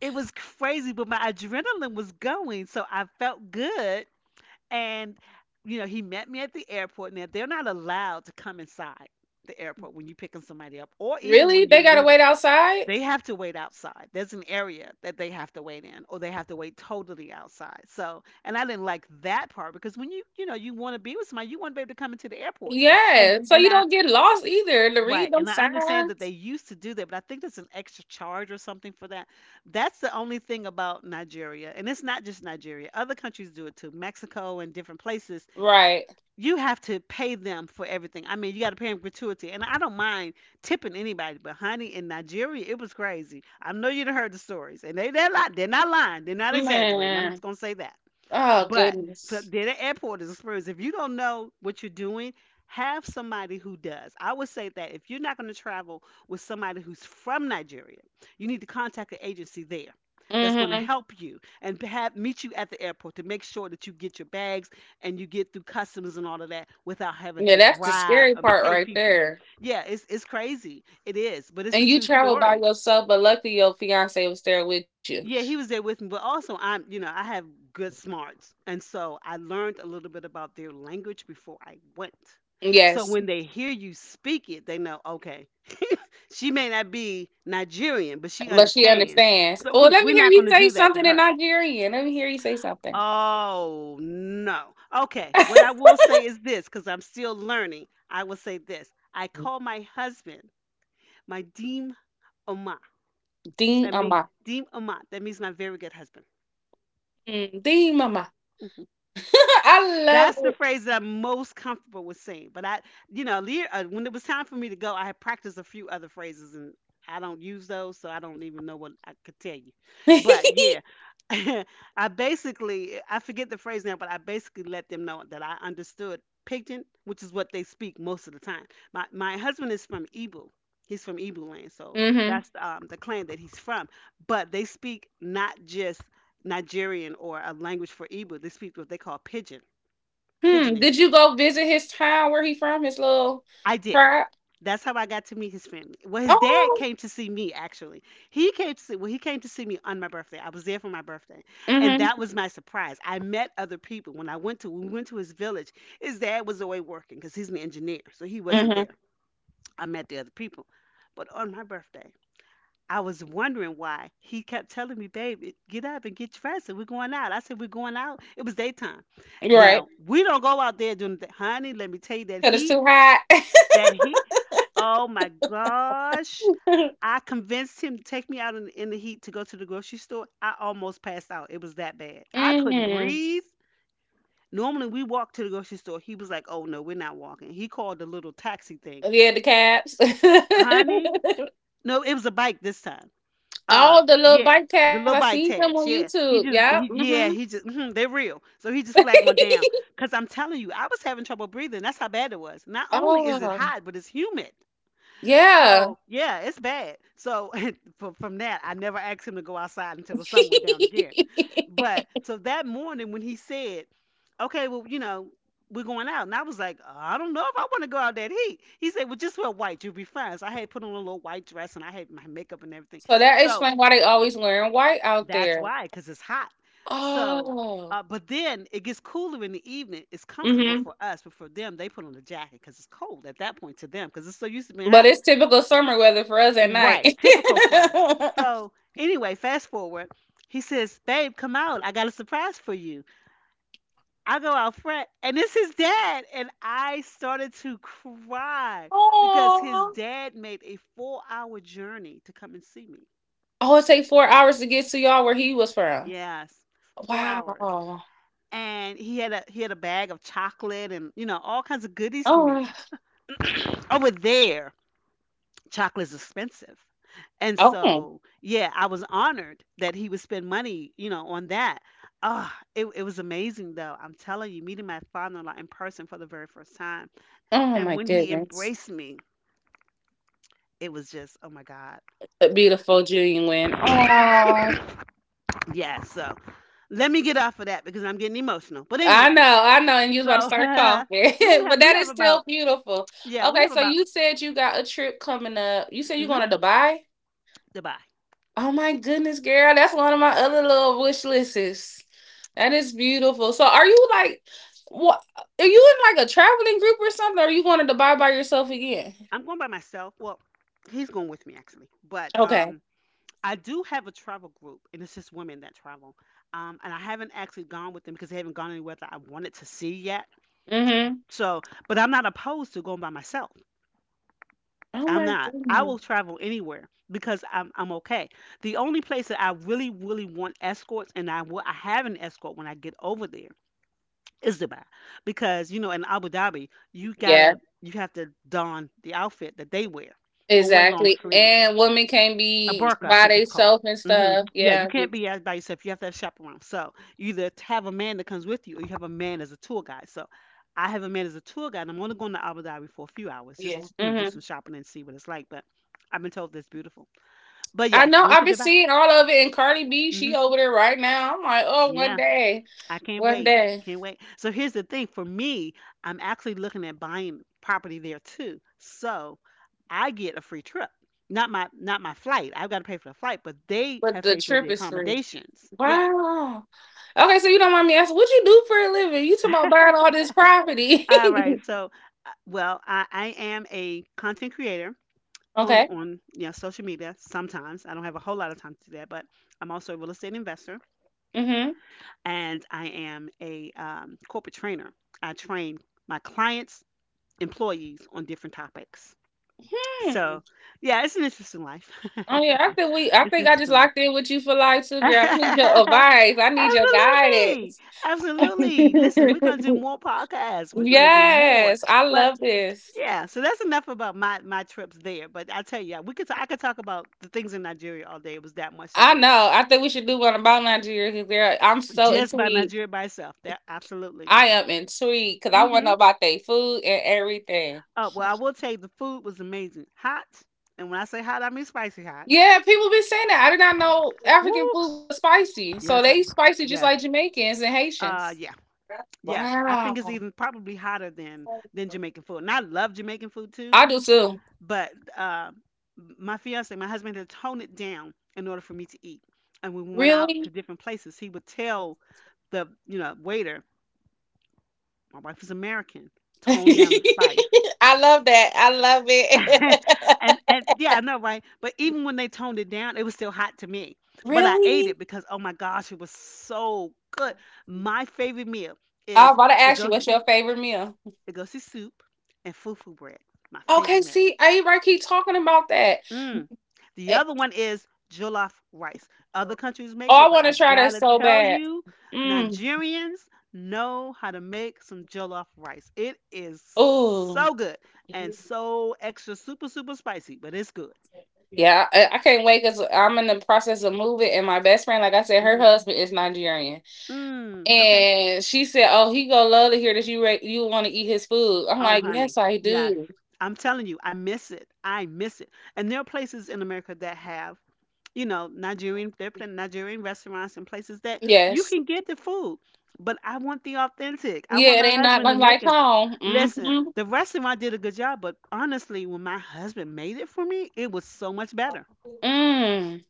Speaker 1: It was crazy, but my adrenaline was going, so I felt good. And, he met me at the airport. Now, they're not allowed to come inside the airport when you're picking somebody up, or even
Speaker 2: Really?
Speaker 1: when
Speaker 2: They
Speaker 1: you're
Speaker 2: gotta
Speaker 1: leaving.
Speaker 2: wait outside?
Speaker 1: They have to wait outside. There's an area that they have to wait in, or they have to wait totally outside. So, and I didn't like that part because when you, you want to be with somebody, you want to be able to come into the airport.
Speaker 2: Yeah. So
Speaker 1: And
Speaker 2: you
Speaker 1: I
Speaker 2: don't get lost either to
Speaker 1: Right,
Speaker 2: read them
Speaker 1: and I understand that they
Speaker 2: signs.
Speaker 1: used to do that, but I think there's an extra charge or something for that. That's the only thing about Nigeria, and it's not just Nigeria. Other countries do it too, Mexico and different places.
Speaker 2: Right.
Speaker 1: You have to pay them for everything. I mean, you got to pay them gratuity, and I don't mind tipping anybody, but honey, in Nigeria, it was crazy. I know you'd have heard the stories, and they're not lying, they're not exaggerating. I'm
Speaker 2: Man.
Speaker 1: just gonna say that.
Speaker 2: Oh
Speaker 1: But for
Speaker 2: goodness.
Speaker 1: then the airport is experience. If you don't know what you're doing, have somebody who does. I would say that if you're not going to travel with somebody who's from Nigeria, you need to contact the agency there that's going to, mhm,
Speaker 2: Mm-hmm.
Speaker 1: help you and have meet you at the airport to make sure that you get your bags and you get through customs and all of that without having
Speaker 2: Yeah,
Speaker 1: to
Speaker 2: that's the
Speaker 1: bribe
Speaker 2: scary
Speaker 1: and
Speaker 2: part
Speaker 1: pay
Speaker 2: right
Speaker 1: people.
Speaker 2: there.
Speaker 1: Yeah, it's crazy. It is, but it's a
Speaker 2: And you
Speaker 1: true
Speaker 2: traveled by
Speaker 1: story.
Speaker 2: yourself, but luckily your fiance was there with you.
Speaker 1: Yeah, he was there with me, but also I'm, I have good smarts. And so I learned a little bit about their language before I went. So
Speaker 2: Yes,
Speaker 1: when they hear you speak it, they know, okay, *laughs* she may not be Nigerian, but she
Speaker 2: but she
Speaker 1: understands.
Speaker 2: understands.
Speaker 1: So
Speaker 2: Oh,
Speaker 1: we,
Speaker 2: let me
Speaker 1: we're
Speaker 2: hear
Speaker 1: not
Speaker 2: you
Speaker 1: going to
Speaker 2: say
Speaker 1: do that to
Speaker 2: something in
Speaker 1: her.
Speaker 2: Nigerian. Let me hear you say something.
Speaker 1: Oh, no. Okay, what I
Speaker 2: *laughs*
Speaker 1: will say is this, because I'm still learning. I will say this. I call my husband my deem oma.
Speaker 2: Dean
Speaker 1: That
Speaker 2: Ama.
Speaker 1: means deem oma. That means my very good husband.
Speaker 2: Mm, Dean Mama.
Speaker 1: Mm-hmm.
Speaker 2: *laughs* I
Speaker 1: That's the
Speaker 2: love
Speaker 1: phrase that I'm most comfortable with saying. But I, you know, le- when it was time for me to go, I had practiced a few other phrases, and I don't use those, so I don't even know what I could tell you. But
Speaker 2: it.
Speaker 1: yeah, *laughs* I basically, I forget the phrase now, but I basically let them know that I understood Pidgin, which is what they speak most of the time. My husband is from Ibu. He's from Ibu land,
Speaker 2: *laughs*
Speaker 1: so
Speaker 2: Mm-hmm.
Speaker 1: that's the clan that he's from. But they speak not just Nigerian or a language for Ibu. They speak what they call Pidgin
Speaker 2: Hmm.
Speaker 1: Pigeon
Speaker 2: Did you
Speaker 1: English.
Speaker 2: go visit his town where he from? His little
Speaker 1: I did.
Speaker 2: tribe?
Speaker 1: That's how I got to meet his family. Well, his dad
Speaker 2: Oh.
Speaker 1: came to see me actually. He came to see well, he came to see me on my birthday. I was there for my birthday. And
Speaker 2: Mm-hmm.
Speaker 1: that was my surprise. I met other people when we went to his village. His dad was away working because he's an engineer, so he wasn't
Speaker 2: Mm-hmm.
Speaker 1: there. I met the other people. But on my birthday, I was wondering why he kept telling me, babe, get up and get dressed and we're going out. I said, "We're going out." It was daytime.
Speaker 2: You're right.
Speaker 1: Now, we don't go out there during the, honey, let me tell you, that
Speaker 2: Because it's
Speaker 1: heat,
Speaker 2: too hot.
Speaker 1: that heat. Oh my gosh.
Speaker 2: *laughs*
Speaker 1: I convinced him to take me out in the heat to go to the grocery store. I almost passed out. It was that bad. I couldn't
Speaker 2: Mm-hmm.
Speaker 1: breathe. Normally we walk to the grocery store. He was like, "Oh no, we're not walking." He called the little taxi thing.
Speaker 2: Yeah, the cabs.
Speaker 1: Honey,
Speaker 2: *laughs*
Speaker 1: no, it was a bike this time. Uh,
Speaker 2: All the little
Speaker 1: yeah,
Speaker 2: bike paths.
Speaker 1: the
Speaker 2: I
Speaker 1: little
Speaker 2: seen
Speaker 1: bike
Speaker 2: him on
Speaker 1: tabs. Yeah,
Speaker 2: YouTube.
Speaker 1: he just
Speaker 2: Yeah.
Speaker 1: he
Speaker 2: Mm-hmm.
Speaker 1: yeah he just mhm, they're real. So he just flagged one down. Cause I'm telling you, I was having trouble breathing. That's how bad it was. Not only is it
Speaker 2: Oh,
Speaker 1: hot, but it's humid.
Speaker 2: yeah.
Speaker 1: So yeah, it's bad. So *laughs* from that, I never asked him to go outside until the sun went down again.
Speaker 2: *laughs*
Speaker 1: But so that morning when he said, "Okay, well, you know, we're going out," and I was like, "I don't know if I want to go out that heat." He said, "Well, just wear white. You'll be fine." So I had put on a little white dress and I had my makeup and everything.
Speaker 2: So that
Speaker 1: So
Speaker 2: explains why they always wearing white out
Speaker 1: that's
Speaker 2: there.
Speaker 1: why, because it's hot. So.
Speaker 2: Oh.
Speaker 1: But then it gets cooler in the evening. It's comfortable
Speaker 2: Mm-hmm.
Speaker 1: for us, but for them, they put on a jacket because it's cold at that point to them because it's so used to being
Speaker 2: But
Speaker 1: hot.
Speaker 2: it's typical summer weather for us at night.
Speaker 1: Right,
Speaker 2: *laughs*
Speaker 1: typical for us. So anyway, fast forward. He says, "Babe, come out. I got a surprise for you." I go out front, and it's his dad, and I started to cry because his
Speaker 2: Oh.
Speaker 1: dad made a 4-hour journey to come and see me.
Speaker 2: Oh, it take 4 hours to get to y'all where he was from.
Speaker 1: Yes, four
Speaker 2: Wow.
Speaker 1: hours,
Speaker 2: Oh.
Speaker 1: and he had a bag of chocolate and all kinds of goodies for me
Speaker 2: Oh.
Speaker 1: over there. Chocolate's expensive. And so, yeah, I was honored that he would spend money, on that. It was amazing though. I'm telling you, meeting my father-in-law in person for the very first time.
Speaker 2: Oh
Speaker 1: And
Speaker 2: my
Speaker 1: when he
Speaker 2: goodness.
Speaker 1: embraced me, it was just, oh my God.
Speaker 2: A beautiful Julian win. Oh.
Speaker 1: Yeah, so let me get off of that because I'm getting emotional. But anyway,
Speaker 2: I know, and you was
Speaker 1: so
Speaker 2: about to
Speaker 1: *laughs*
Speaker 2: start coughing,
Speaker 1: we only
Speaker 2: *laughs* but
Speaker 1: have we
Speaker 2: that
Speaker 1: have
Speaker 2: is still
Speaker 1: about
Speaker 2: beautiful.
Speaker 1: yeah, we
Speaker 2: Okay,
Speaker 1: have
Speaker 2: so
Speaker 1: about
Speaker 2: you said you got a trip coming up. You said you're
Speaker 1: mhm,
Speaker 2: going to Dubai.
Speaker 1: goodbye.
Speaker 2: Oh my goodness, girl, that's one of my other little wish lists. That is beautiful. So, are you like, what? Are you in like a traveling group or something? Or are you going to Dubai by yourself again?
Speaker 1: I'm going by myself. Well, he's going with me actually. But
Speaker 2: Okay.
Speaker 1: um I do have a travel group, and it's just women that travel. And I haven't actually gone with them because they haven't gone anywhere that I wanted to see yet.
Speaker 2: Mm-hmm.
Speaker 1: So, but I'm not opposed to going by myself.
Speaker 2: Oh
Speaker 1: I'm
Speaker 2: my
Speaker 1: not. I will
Speaker 2: goodness.
Speaker 1: travel anywhere because I'm okay. The only place that I really, really want escorts, and I have an escort when I get over there, is Dubai, because you know in Abu Dhabi
Speaker 2: Yeah,
Speaker 1: you have to don the outfit that they wear or wear long
Speaker 2: exactly.
Speaker 1: sleeves.
Speaker 2: And women can
Speaker 1: A
Speaker 2: be
Speaker 1: burqa, I
Speaker 2: by
Speaker 1: think it's called.
Speaker 2: themselves and
Speaker 1: Hmm
Speaker 2: stuff.
Speaker 1: Yeah, you
Speaker 2: Yeah. You,
Speaker 1: can't be out by yourself. You have to have chaperone. So you either have a man that comes with you, or you have a man as a tour guide. So I have a man as a tour guide, and I'm only going to Abu Dhabi for a few hours,
Speaker 2: yeah.
Speaker 1: just to, you know, do
Speaker 2: Mm-hmm.
Speaker 1: some shopping and see what it's like. But I've been told that it's beautiful. But
Speaker 2: I
Speaker 1: yeah,
Speaker 2: know
Speaker 1: going
Speaker 2: I've
Speaker 1: to
Speaker 2: been
Speaker 1: Dubai.
Speaker 2: seeing all of it, and Cardi B, she
Speaker 1: Hmm
Speaker 2: over there right now. I'm like, oh, one
Speaker 1: Yeah,
Speaker 2: day,
Speaker 1: I can't
Speaker 2: one
Speaker 1: wait.
Speaker 2: day.
Speaker 1: Can't wait. So here's the thing for me, I'm actually looking at buying property there too. So I get a free trip. Not my flight. I've got to pay for the flight, but they
Speaker 2: But
Speaker 1: have
Speaker 2: the
Speaker 1: paid for the
Speaker 2: trip is free.
Speaker 1: accommodations. Yeah.
Speaker 2: Wow. Okay, so you don't mind me asking, what you do for a living? You talking about buying all this
Speaker 1: *laughs*
Speaker 2: property?
Speaker 1: All right. So, well, I am a content creator
Speaker 2: *laughs*
Speaker 1: on
Speaker 2: Okay.
Speaker 1: yeah, social media. Sometimes I don't have a whole lot of time to do that, but I'm also a real estate investor
Speaker 2: Mm-hmm.
Speaker 1: and I am a corporate trainer. I train my clients employees on different topics.
Speaker 2: Hmm.
Speaker 1: So, yeah, it's an interesting life.
Speaker 2: Oh yeah,
Speaker 1: *laughs*
Speaker 2: I think we. I
Speaker 1: It's an
Speaker 2: think I just
Speaker 1: interesting life.
Speaker 2: locked in with you for life too, girl. I need your
Speaker 1: *laughs*
Speaker 2: advice. I need your
Speaker 1: Absolutely.
Speaker 2: guidance.
Speaker 1: Absolutely. Listen, we're going to do more podcasts.
Speaker 2: *laughs*
Speaker 1: We're going to do more.
Speaker 2: Yes, I
Speaker 1: But
Speaker 2: love this.
Speaker 1: yeah, so that's enough about my trips there. But I tell you, we could I could talk about the things in Nigeria all day. It was that much to
Speaker 2: I
Speaker 1: do.
Speaker 2: know. I think we should do one about Nigeria because I'm so
Speaker 1: Just by
Speaker 2: intrigued.
Speaker 1: Nigeria by itself. That absolutely.
Speaker 2: I am intrigued because I want to
Speaker 1: Mhm.
Speaker 2: know about their food and everything.
Speaker 1: Oh, well, I will tell you the food was amazing. Hot. And when I say hot, I mean spicy hot.
Speaker 2: Yeah, people be saying that. I did not know African
Speaker 1: Woo.
Speaker 2: food was spicy. So
Speaker 1: Yes,
Speaker 2: they
Speaker 1: honey.
Speaker 2: spicy just
Speaker 1: Yes.
Speaker 2: like Jamaicans and
Speaker 1: Uh,
Speaker 2: Haitians.
Speaker 1: yeah, yeah. I think it's
Speaker 2: Wow.
Speaker 1: even probably hotter than Jamaican food, and I love Jamaican food too.
Speaker 2: I do too.
Speaker 1: But uh, my fiance, my husband, had to tone it down in order for me to eat. And when we went out to
Speaker 2: Really?
Speaker 1: different places, he would tell
Speaker 2: *laughs*
Speaker 1: the waiter, my wife is American, tone down the spice.
Speaker 2: I love that. I love it.
Speaker 1: *laughs*
Speaker 2: *laughs*
Speaker 1: And yeah, I know, right? But even when they toned it down, it was still hot to me. But I ate
Speaker 2: Really?
Speaker 1: it because oh my gosh, it was so good. My favorite meal
Speaker 2: I'm
Speaker 1: is
Speaker 2: about to ask you,
Speaker 1: egosi
Speaker 2: what's your favorite meal?
Speaker 1: egosi soup and fufu bread. My favorite
Speaker 2: Okay,
Speaker 1: meal.
Speaker 2: see, I right keep talking about that.
Speaker 1: Mm. The
Speaker 2: Eh,
Speaker 1: other one is jollof rice. Other countries
Speaker 2: oh,
Speaker 1: make
Speaker 2: I
Speaker 1: it, but
Speaker 2: want
Speaker 1: I
Speaker 2: to try that
Speaker 1: gotta
Speaker 2: so
Speaker 1: tell
Speaker 2: bad.
Speaker 1: you,
Speaker 2: Mm.
Speaker 1: Nigerians know how to make some jollof rice. It is
Speaker 2: Ooh.
Speaker 1: so good and so extra super spicy, but it's good.
Speaker 2: Yeah, I can't wait because I'm in the process of moving, and my best friend, like I said, her
Speaker 1: Mm-hmm.
Speaker 2: husband is Nigerian,
Speaker 1: Mm, okay.
Speaker 2: and she said, "Oh, he gonna love to hear that you you want to eat his food." I'm
Speaker 1: Oh,
Speaker 2: like,
Speaker 1: honey.
Speaker 2: "Yes, I
Speaker 1: Yes.
Speaker 2: do.
Speaker 1: I'm telling you, I miss it. I miss it. And there are places in America that have, you know, Nigerian, there are plenty Nigerian restaurants and places that you
Speaker 2: Yes,
Speaker 1: can get the food. But I want the authentic. I want
Speaker 2: yeah, it
Speaker 1: my
Speaker 2: ain't not
Speaker 1: husband to make
Speaker 2: unlike
Speaker 1: them.
Speaker 2: home." Mm
Speaker 1: Listen,
Speaker 2: hmm
Speaker 1: the restaurant did a good job, but honestly, when my husband made it for me, it was so much better.
Speaker 2: Mm.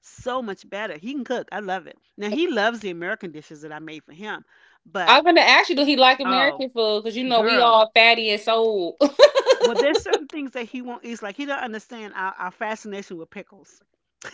Speaker 1: So much better. He can cook. I love it. Now, he loves the American dishes that I made for him, but
Speaker 2: I'm gonna ask you, do he like
Speaker 1: oh,
Speaker 2: American food? Because you know we
Speaker 1: girl,
Speaker 2: all fatty and soul. *laughs*
Speaker 1: well, there's certain things that he won't eat. Like he don't understand our fascination with pickles. *laughs*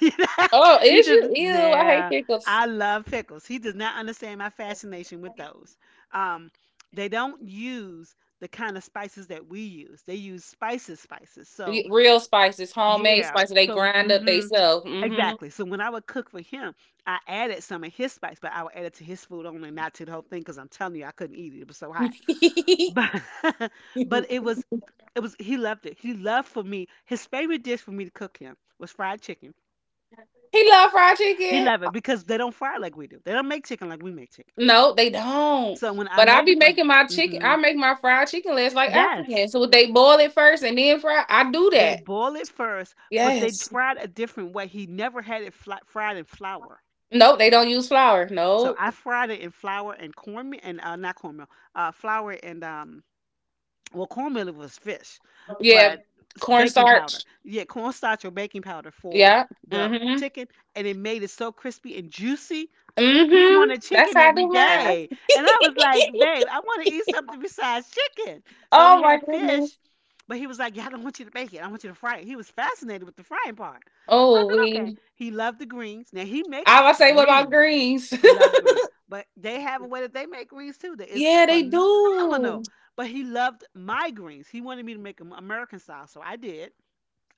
Speaker 2: Oh,
Speaker 1: He
Speaker 2: is
Speaker 1: does.
Speaker 2: you? Ew, I hate
Speaker 1: Nah,
Speaker 2: pickles.
Speaker 1: I love pickles. He does not understand my fascination with those. Um, they don't use the kind of spices that we use. They use spices. So
Speaker 2: Real spices, homemade
Speaker 1: yeah.
Speaker 2: spices. They
Speaker 1: So
Speaker 2: grind up they self. Hmm.
Speaker 1: exactly. So when I would cook for him, I added some of his spice, but I would add it to his food only, not to the whole thing, because I'm telling you, I couldn't eat it. It was so hot.
Speaker 2: *laughs*
Speaker 1: But *laughs*
Speaker 2: *laughs*
Speaker 1: but
Speaker 2: He
Speaker 1: it was he loved it. He loved for me his favorite dish for me to cook him was fried chicken.
Speaker 2: love fried
Speaker 1: He
Speaker 2: chicken.
Speaker 1: loved it because they don't fry like we do. They don't make chicken like we make chicken.
Speaker 2: No, they don't.
Speaker 1: So when I
Speaker 2: But I
Speaker 1: made
Speaker 2: be
Speaker 1: it for him,
Speaker 2: making my chicken.
Speaker 1: hmm
Speaker 2: I make my fried chicken legs like
Speaker 1: yes,
Speaker 2: African. So they boil it first and then fry. I do
Speaker 1: they
Speaker 2: that.
Speaker 1: boil it first, but they
Speaker 2: Yes.
Speaker 1: fried a different way. He never had it fried in flour.
Speaker 2: Nope, they don't use flour.
Speaker 1: So
Speaker 2: No.
Speaker 1: I fried it in flour and cornmeal and not cornmeal, flour and well, cornmeal was fish,
Speaker 2: Yeah,
Speaker 1: but baking powder.
Speaker 2: cornstarch.
Speaker 1: Yeah, cornstarch or baking powder for
Speaker 2: Yeah.
Speaker 1: the
Speaker 2: Mm-hmm.
Speaker 1: chicken, and it made it so crispy and juicy. He
Speaker 2: Mm-hmm.
Speaker 1: wanted
Speaker 2: That's
Speaker 1: chicken
Speaker 2: how I
Speaker 1: every
Speaker 2: do mine.
Speaker 1: day, and I was like,
Speaker 2: *laughs*
Speaker 1: "Babe, I want to eat something besides chicken." So we
Speaker 2: Oh my
Speaker 1: had
Speaker 2: goodness.
Speaker 1: fish, but he was like, "Yeah, I don't want you to bake it. I want you to fry it." He was fascinated with the frying part. I
Speaker 2: Oh,
Speaker 1: said, "Okay."
Speaker 2: we.
Speaker 1: He loved the greens. Now he makes
Speaker 2: I was say, what about
Speaker 1: greens.
Speaker 2: greens?
Speaker 1: He loves greens, but they have a way that they make greens too that
Speaker 2: *laughs*
Speaker 1: is
Speaker 2: Yeah, they do.
Speaker 1: phenomenal. But he loved my greens. He wanted me to make them American style, so I did.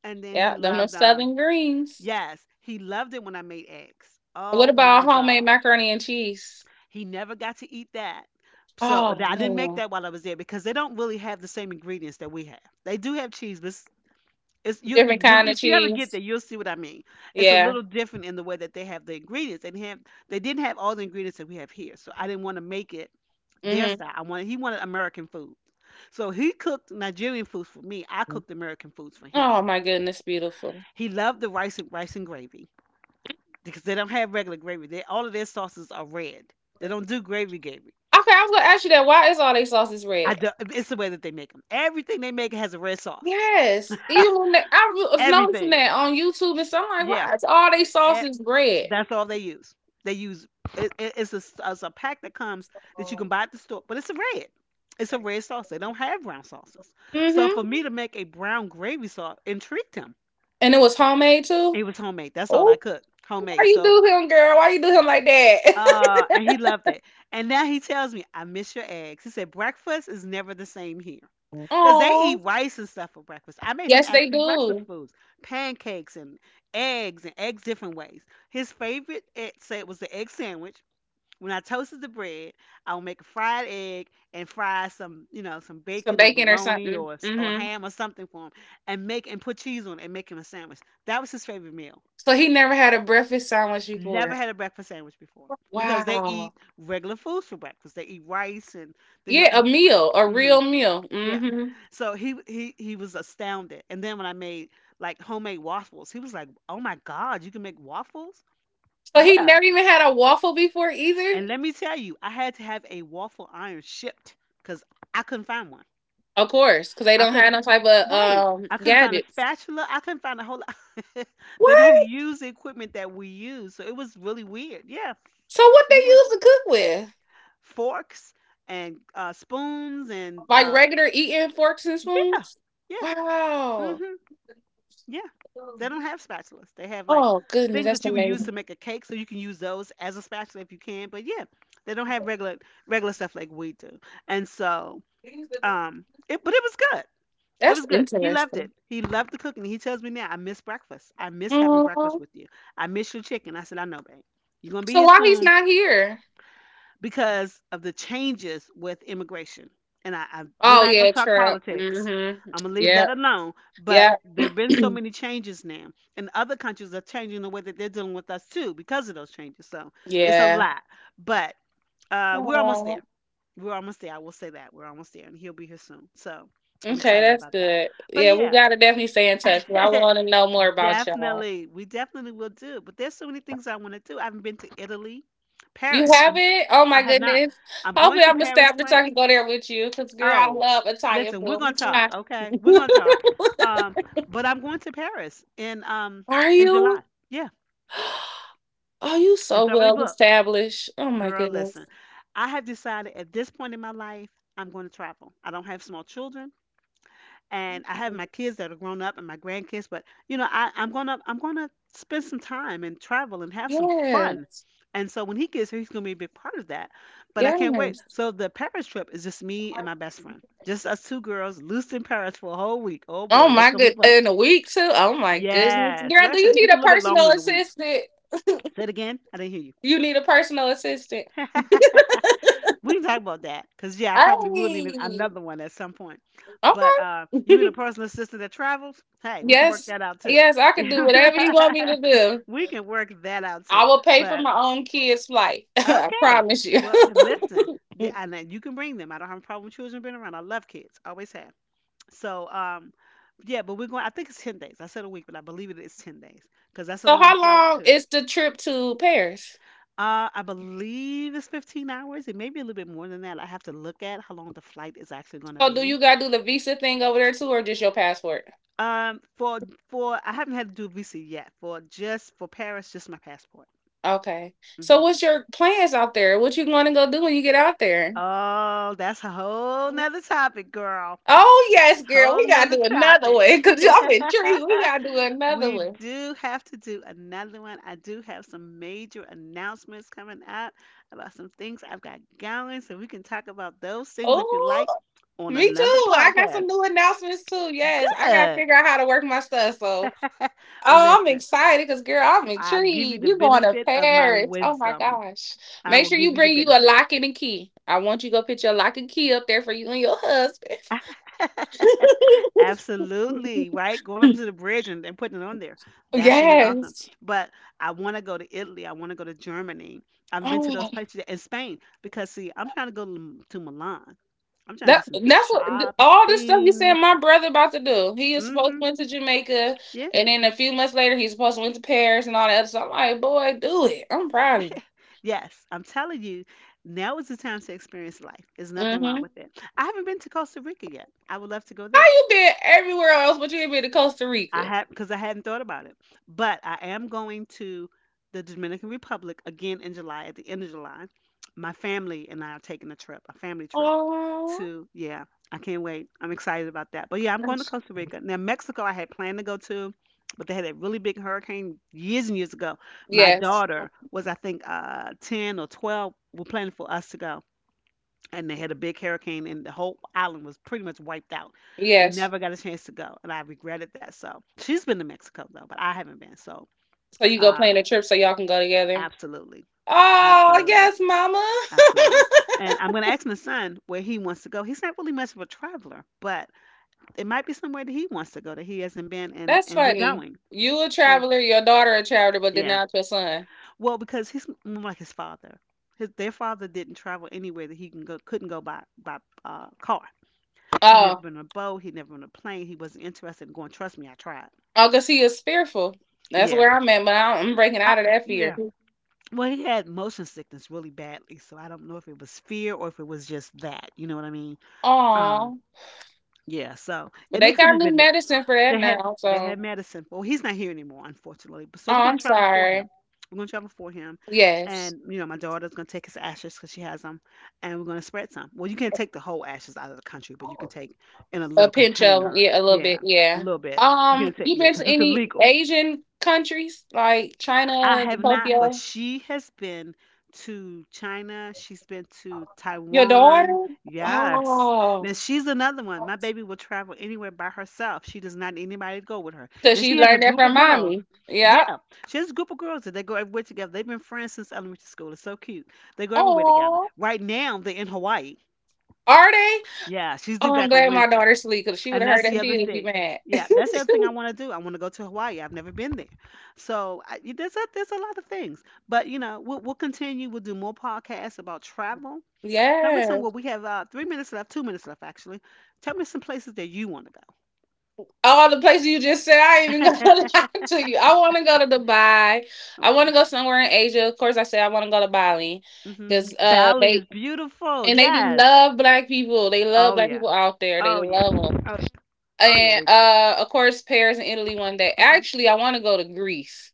Speaker 1: And then he
Speaker 2: Yeah, them no
Speaker 1: loved
Speaker 2: southern greens.
Speaker 1: yes, he loved it when I made eggs.
Speaker 2: What
Speaker 1: Oh
Speaker 2: about
Speaker 1: my
Speaker 2: homemade
Speaker 1: gosh.
Speaker 2: macaroni and cheese?
Speaker 1: He never got to eat that. So
Speaker 2: Oh
Speaker 1: I didn't make
Speaker 2: man,
Speaker 1: that while I was there because they don't really have the same ingredients that we have. They do have cheese, but it's you
Speaker 2: different
Speaker 1: when
Speaker 2: kind
Speaker 1: if
Speaker 2: of
Speaker 1: you ever get there,
Speaker 2: cheese.
Speaker 1: you'll see what I mean. It's a
Speaker 2: Yeah.
Speaker 1: little different in the way that they have the ingredients. They didn't have all the ingredients that we have here, so I didn't want to make it their
Speaker 2: Mm-hmm.
Speaker 1: style. I wanted he wanted American food, so he cooked Nigerian foods for me. I cooked American foods for him.
Speaker 2: Oh my goodness, beautiful.
Speaker 1: He loved the rice and rice and gravy because they don't have regular gravy. They all of their sauces are red. They don't do gravy gravy.
Speaker 2: Okay, I was gonna ask you that. Why is all they sauces
Speaker 1: I
Speaker 2: red?
Speaker 1: do, it's the way that they make them. Everything they make has a red sauce.
Speaker 2: Yes, even when was noticing
Speaker 1: Everything,
Speaker 2: that on YouTube and stuff, I'm like,
Speaker 1: yeah.
Speaker 2: why is all they sauces red?
Speaker 1: That's all they use. They use it's a, it's a pack that comes that you can buy at the store, but it's a red. It's a red sauce. They don't have brown sauces. So for
Speaker 2: Mm-hmm.
Speaker 1: me to make a brown gravy sauce intrigued him.
Speaker 2: And it was homemade too.
Speaker 1: It was homemade. That's all I
Speaker 2: Oh,
Speaker 1: cooked,
Speaker 2: why
Speaker 1: homemade.
Speaker 2: you
Speaker 1: So
Speaker 2: do him, girl? Why you do him like that? *laughs*
Speaker 1: and he loved it. And now he tells me, I miss your eggs. He said breakfast is never the same here because they
Speaker 2: Oh,
Speaker 1: eat rice and stuff for breakfast. I made him
Speaker 2: yes, they
Speaker 1: actually breakfast
Speaker 2: do.
Speaker 1: foods, pancakes and eggs different ways. His favorite, it said, was the egg sandwich. When I toasted the bread, I will make a fried egg and fry some, you know, some
Speaker 2: Some
Speaker 1: bacon or
Speaker 2: bacon or
Speaker 1: bologna
Speaker 2: something.
Speaker 1: or or
Speaker 2: Mm-hmm.
Speaker 1: ham or something for him, and make and put cheese on it and make him a sandwich. That was his favorite meal.
Speaker 2: So he never had a breakfast sandwich before.
Speaker 1: Never had a breakfast sandwich before because they
Speaker 2: Wow.
Speaker 1: eat regular foods for breakfast. They eat rice and then they'll
Speaker 2: Yeah, a
Speaker 1: eat. Like,
Speaker 2: meal, a
Speaker 1: hmm
Speaker 2: real meal.
Speaker 1: yeah,
Speaker 2: Hmm.
Speaker 1: so he was astounded. And then when I made like homemade waffles, he was like, "Oh my God, you can make waffles!"
Speaker 2: So he
Speaker 1: Yeah,
Speaker 2: never even had a waffle before either.
Speaker 1: and let me tell you, I had to have a waffle iron shipped because I couldn't find one.
Speaker 2: Of course, because they
Speaker 1: I
Speaker 2: don't have
Speaker 1: couldn't,
Speaker 2: no type of
Speaker 1: right. I couldn't find a
Speaker 2: gadgets.
Speaker 1: spatula. I couldn't find a whole lot. *laughs* They don't
Speaker 2: What?
Speaker 1: use the equipment that we use. So it was really weird. Yeah,
Speaker 2: So what
Speaker 1: it
Speaker 2: they
Speaker 1: was weird.
Speaker 2: use to cook with?
Speaker 1: Forks and spoons and
Speaker 2: Like regular eating forks and
Speaker 1: yeah,
Speaker 2: spoons?
Speaker 1: yeah,
Speaker 2: Wow.
Speaker 1: hmm yeah. They don't have spatulas. They have like
Speaker 2: Oh goodness,
Speaker 1: things that
Speaker 2: that's
Speaker 1: you would use to
Speaker 2: amazing.
Speaker 1: make a cake. So you can use those as a spatula if you can. But yeah, they don't have regular stuff like we do. And so it but it was good. It
Speaker 2: That's
Speaker 1: was good. He loved it.
Speaker 2: interesting.
Speaker 1: He loved the cooking. He tells me now, I miss breakfast. I miss having breakfast
Speaker 2: Mhm.
Speaker 1: with you. I miss your chicken. I said, I know, babe. You're gonna be
Speaker 2: So
Speaker 1: here
Speaker 2: why he's
Speaker 1: soon
Speaker 2: not here?
Speaker 1: because of the changes with immigration. And I we're
Speaker 2: Oh
Speaker 1: not
Speaker 2: yeah,
Speaker 1: gonna talk
Speaker 2: trap.
Speaker 1: politics.
Speaker 2: Mhm.
Speaker 1: I'm gonna leave
Speaker 2: Yep.
Speaker 1: that alone. But
Speaker 2: Yep.
Speaker 1: there have been so
Speaker 2: *clears throat*
Speaker 1: many changes now, and other countries are changing the way that they're dealing with us too because of those changes. So it's a
Speaker 2: Yeah.
Speaker 1: lot, but we're almost
Speaker 2: Aw.
Speaker 1: there, we're almost there. I will say that. We're almost there, and he'll be here soon. So I'm
Speaker 2: Okay,
Speaker 1: excited
Speaker 2: that's
Speaker 1: about that.
Speaker 2: good.
Speaker 1: But
Speaker 2: Yeah, we
Speaker 1: yeah,
Speaker 2: gotta definitely stay in touch, 'cause I want
Speaker 1: *laughs*
Speaker 2: to know more about y'all.
Speaker 1: definitely. We definitely will do. But there's so many things I want to do. I haven't been to Italy,
Speaker 2: You
Speaker 1: Paris.
Speaker 2: have it? Oh my
Speaker 1: I have not.
Speaker 2: goodness.
Speaker 1: I'm going
Speaker 2: Hopefully,
Speaker 1: to
Speaker 2: I'm gonna
Speaker 1: Paris,
Speaker 2: stab the
Speaker 1: France.
Speaker 2: can go there with you, cause girl, I
Speaker 1: Oh,
Speaker 2: love Italian
Speaker 1: listen, we're
Speaker 2: food.
Speaker 1: going to talk,
Speaker 2: Mwah. *laughs*
Speaker 1: okay? We're going to talk. Um, but I'm going to Paris
Speaker 2: Are
Speaker 1: in July.
Speaker 2: you?
Speaker 1: Yeah,
Speaker 2: *gasps* Are you so
Speaker 1: it's already
Speaker 2: well
Speaker 1: booked.
Speaker 2: established? Oh my
Speaker 1: Girl, listen,
Speaker 2: goodness.
Speaker 1: I have decided at this point in my life, I'm going to travel. I don't have small children, and I have my kids that are grown up and my grandkids, but you know, I'm gonna I'm gonna spend some time and travel and have some fun.
Speaker 2: Yes.
Speaker 1: And so when he gets here, he's gonna be a big part of that. But I can't wait.
Speaker 2: Yes.
Speaker 1: So the Paris trip is just me and my best friend. Just us two girls loose in Paris for a whole week. Oh
Speaker 2: Oh
Speaker 1: boy, that's
Speaker 2: my
Speaker 1: gonna be
Speaker 2: good,
Speaker 1: fun.
Speaker 2: in a week too. Oh my goodness,
Speaker 1: Yes.
Speaker 2: girl,
Speaker 1: Well,
Speaker 2: do you
Speaker 1: actually
Speaker 2: need
Speaker 1: it's a
Speaker 2: a
Speaker 1: little bit longer
Speaker 2: personal
Speaker 1: than a week.
Speaker 2: assistant?
Speaker 1: Say it again. I didn't hear
Speaker 2: You need a personal assistant.
Speaker 1: you. *laughs* We can talk about that because yeah, I probably will need
Speaker 2: Hey,
Speaker 1: another one at some point. But
Speaker 2: okay.
Speaker 1: you and a personal assistant that travels,
Speaker 2: *laughs*
Speaker 1: hey, we can work
Speaker 2: Yes,
Speaker 1: that out too.
Speaker 2: yes, I
Speaker 1: *laughs*
Speaker 2: can do whatever you want me to do.
Speaker 1: We can work that out
Speaker 2: I
Speaker 1: too.
Speaker 2: will pay for
Speaker 1: But
Speaker 2: my own kids' flight. *laughs* I
Speaker 1: okay,
Speaker 2: promise you.
Speaker 1: well, listen,
Speaker 2: *laughs* So,
Speaker 1: and then you can bring them. I don't have a problem with children being around. I love kids, always have. So yeah, but we're going. I think it's 10 days. I said a week, but I believe it is 10 days, because that's a long
Speaker 2: how
Speaker 1: flight
Speaker 2: long
Speaker 1: too.
Speaker 2: is the trip to Paris?
Speaker 1: I believe it's 15 hours. It may be a little bit more than that. I have to look at how long the flight is actually going to
Speaker 2: So, do you
Speaker 1: be.
Speaker 2: gotta do the visa thing over there too, or just your passport?
Speaker 1: Um, for for I haven't had to do a visa yet. For just for Paris, just my passport.
Speaker 2: Okay.
Speaker 1: Hmm.
Speaker 2: So, what's your plans out there? What you want to go do when you get out there?
Speaker 1: Oh, that's a whole nother topic, girl.
Speaker 2: Oh yes, girl,
Speaker 1: Whole
Speaker 2: we gotta
Speaker 1: nother
Speaker 2: do another
Speaker 1: topic.
Speaker 2: one
Speaker 1: *laughs*
Speaker 2: because
Speaker 1: Yeah.
Speaker 2: I'm intrigued. We gotta do another
Speaker 1: We
Speaker 2: one.
Speaker 1: do have to do another one. I do have some major announcements coming up about some things I've got going, so we can talk about those things if you like
Speaker 2: Oh,
Speaker 1: on
Speaker 2: me
Speaker 1: another
Speaker 2: too. I got some
Speaker 1: podcast.
Speaker 2: new announcements too. Yes, I gotta
Speaker 1: Good.
Speaker 2: figure out how to work my stuff. So,
Speaker 1: *laughs* Well,
Speaker 2: oh, I'm
Speaker 1: listen,
Speaker 2: excited because girl, I'm
Speaker 1: I'll give you
Speaker 2: intrigued.
Speaker 1: the
Speaker 2: You going to
Speaker 1: benefit of my
Speaker 2: Paris? Oh my
Speaker 1: wisdom.
Speaker 2: gosh!
Speaker 1: I
Speaker 2: Make
Speaker 1: will
Speaker 2: sure you
Speaker 1: give you the
Speaker 2: bring you a
Speaker 1: benefit.
Speaker 2: lock and a key. I want you to go put your lock and key up there for you and your husband.
Speaker 1: *laughs* Absolutely, right? Going up to the bridge and, putting it on there.
Speaker 2: *laughs*
Speaker 1: That's gonna be awesome.
Speaker 2: Yes.
Speaker 1: But I wanna go to Italy. I wanna go to Germany. I've been to those
Speaker 2: Oh.
Speaker 1: places and Spain because see, I'm trying to go to Milan. I'm trying to do
Speaker 2: That
Speaker 1: some
Speaker 2: that's what all this stuff you
Speaker 1: shopping.
Speaker 2: saying my brother about to do. He is supposed to
Speaker 1: Mm-hmm.
Speaker 2: went to Jamaica,
Speaker 1: Yeah.
Speaker 2: and then a few months later he's supposed to went to Paris and all that other stuff. I'm like, boy, do it. I'm proud of you.
Speaker 1: Yes. I'm telling you, now is the time to experience life. There's nothing
Speaker 2: Mm-hmm.
Speaker 1: wrong
Speaker 2: How
Speaker 1: with it. I haven't been to Costa Rica yet. I would love to go there.
Speaker 2: you been everywhere else, but you ain't been to Costa
Speaker 1: I
Speaker 2: Rica?
Speaker 1: had because I hadn't thought about it, but I am going to the Dominican Republic again in July. At the end of July, my family and I are taking a trip, a family trip.
Speaker 2: Oh,
Speaker 1: To yeah, I can't wait. I'm excited about that. But yeah, I'm going to Costa Rica. Now Mexico, I had planned to go to, but they had a really big hurricane years and years ago. My
Speaker 2: yes,
Speaker 1: daughter was, I think, 10 or 12. We're planning for us to go, and they had a big hurricane and the whole island was pretty much wiped out. We
Speaker 2: yes.
Speaker 1: never got a chance to go and I regretted that. So she's been to Mexico though, but I haven't been. So
Speaker 2: So you go
Speaker 1: uh
Speaker 2: plan a trip so y'all can go together.
Speaker 1: absolutely.
Speaker 2: Oh,
Speaker 1: Absolutely.
Speaker 2: yes, mama.
Speaker 1: Absolutely.
Speaker 2: *laughs*
Speaker 1: And I'm gonna ask my son where he wants to go. He's not really much of a traveler, but it might be somewhere that he wants to go that he hasn't been,
Speaker 2: That's
Speaker 1: and we're
Speaker 2: funny.
Speaker 1: going.
Speaker 2: You a
Speaker 1: Yeah.
Speaker 2: traveler, your daughter a traveler, but then
Speaker 1: Yeah.
Speaker 2: out your son.
Speaker 1: Well, because he's more like his father. Their father didn't travel anywhere that he can go, couldn't go by car. He never
Speaker 2: Oh.
Speaker 1: been on a boat. He never been on a plane. He wasn't interested in going. Trust me, I tried.
Speaker 2: Oh, because he is fearful. That's
Speaker 1: Yeah.
Speaker 2: where I'm at, but I'm breaking
Speaker 1: I,
Speaker 2: out of that fear.
Speaker 1: yeah. Well, he had motion sickness really badly, so I don't know if it was fear or if it was just that. You know what I mean? Um.
Speaker 2: Aw.
Speaker 1: Yeah. So,
Speaker 2: But
Speaker 1: and
Speaker 2: they
Speaker 1: it could
Speaker 2: got
Speaker 1: have
Speaker 2: new
Speaker 1: been that.
Speaker 2: medicine for that
Speaker 1: They had
Speaker 2: now.
Speaker 1: they
Speaker 2: So,
Speaker 1: had Madison. Well, he's not here anymore, unfortunately. But so
Speaker 2: oh,
Speaker 1: we're gonna
Speaker 2: I'm
Speaker 1: travel for him.
Speaker 2: sorry.
Speaker 1: We're gonna travel for him,
Speaker 2: Yes.
Speaker 1: and you know my daughter's gonna take his ashes because she has them, and we're gonna spread some. Well, you can't take the whole ashes out of the country, but you can take in a
Speaker 2: A
Speaker 1: little
Speaker 2: pinch of,
Speaker 1: container.
Speaker 2: yeah, a little bit.
Speaker 1: Yeah, a
Speaker 2: Yeah.
Speaker 1: little bit. You can take
Speaker 2: You
Speaker 1: yeah,
Speaker 2: been to
Speaker 1: because it's
Speaker 2: any
Speaker 1: illegal.
Speaker 2: Asian countries like
Speaker 1: I
Speaker 2: China,
Speaker 1: have not, but
Speaker 2: Tokyo?
Speaker 1: she has been to China. She's been to
Speaker 2: Your
Speaker 1: Taiwan.
Speaker 2: daughter?
Speaker 1: Yes.
Speaker 2: Wow.
Speaker 1: Now she's another one. My baby will travel anywhere by herself. She does not need anybody to go with her.
Speaker 2: Cause
Speaker 1: Now
Speaker 2: she
Speaker 1: she has a
Speaker 2: learned that
Speaker 1: group of
Speaker 2: from
Speaker 1: girls.
Speaker 2: mommy. Yeah.
Speaker 1: Yeah. She has a group of girls that they go everywhere together. They've been friends since elementary school. It's so cute. They go everywhere together.
Speaker 2: Oh.
Speaker 1: Right now they're in Hawaii.
Speaker 2: Are they?
Speaker 1: Yeah, she's due
Speaker 2: Oh, I'm
Speaker 1: back on
Speaker 2: glad my
Speaker 1: Wednesday.
Speaker 2: daughter sleep because she would
Speaker 1: And
Speaker 2: have
Speaker 1: that's
Speaker 2: heard
Speaker 1: the
Speaker 2: that
Speaker 1: other
Speaker 2: she would be
Speaker 1: thing.
Speaker 2: mad. *laughs*
Speaker 1: Yeah, that's the other thing I want to do. I want to go to Hawaii. I've never been there, so there's a lot of things. But you know, we'll continue. We'll do more podcasts about travel. Tell me some. Well,
Speaker 2: Yes.
Speaker 1: we have 3 minutes left, 2 minutes left actually. Tell me some places that you want
Speaker 2: All the places you just said, I ain't
Speaker 1: to
Speaker 2: even gonna *laughs* lie
Speaker 1: go.
Speaker 2: to you. I wanna go to Dubai.
Speaker 1: *laughs*
Speaker 2: I wanna
Speaker 1: Okay.
Speaker 2: go somewhere in Asia. Of course I said I wanna go to Bali.
Speaker 1: Mhm.
Speaker 2: Cause
Speaker 1: Bali
Speaker 2: they
Speaker 1: is beautiful.
Speaker 2: and they
Speaker 1: Yes.
Speaker 2: love black people. They love
Speaker 1: Oh
Speaker 2: black
Speaker 1: yeah.
Speaker 2: people out there. They
Speaker 1: Oh yeah.
Speaker 2: love them.
Speaker 1: Oh yeah. Oh yeah.
Speaker 2: And
Speaker 1: They do.
Speaker 2: of course Paris and Italy one day.
Speaker 1: Mhm.
Speaker 2: Actually I wanna go to Greece.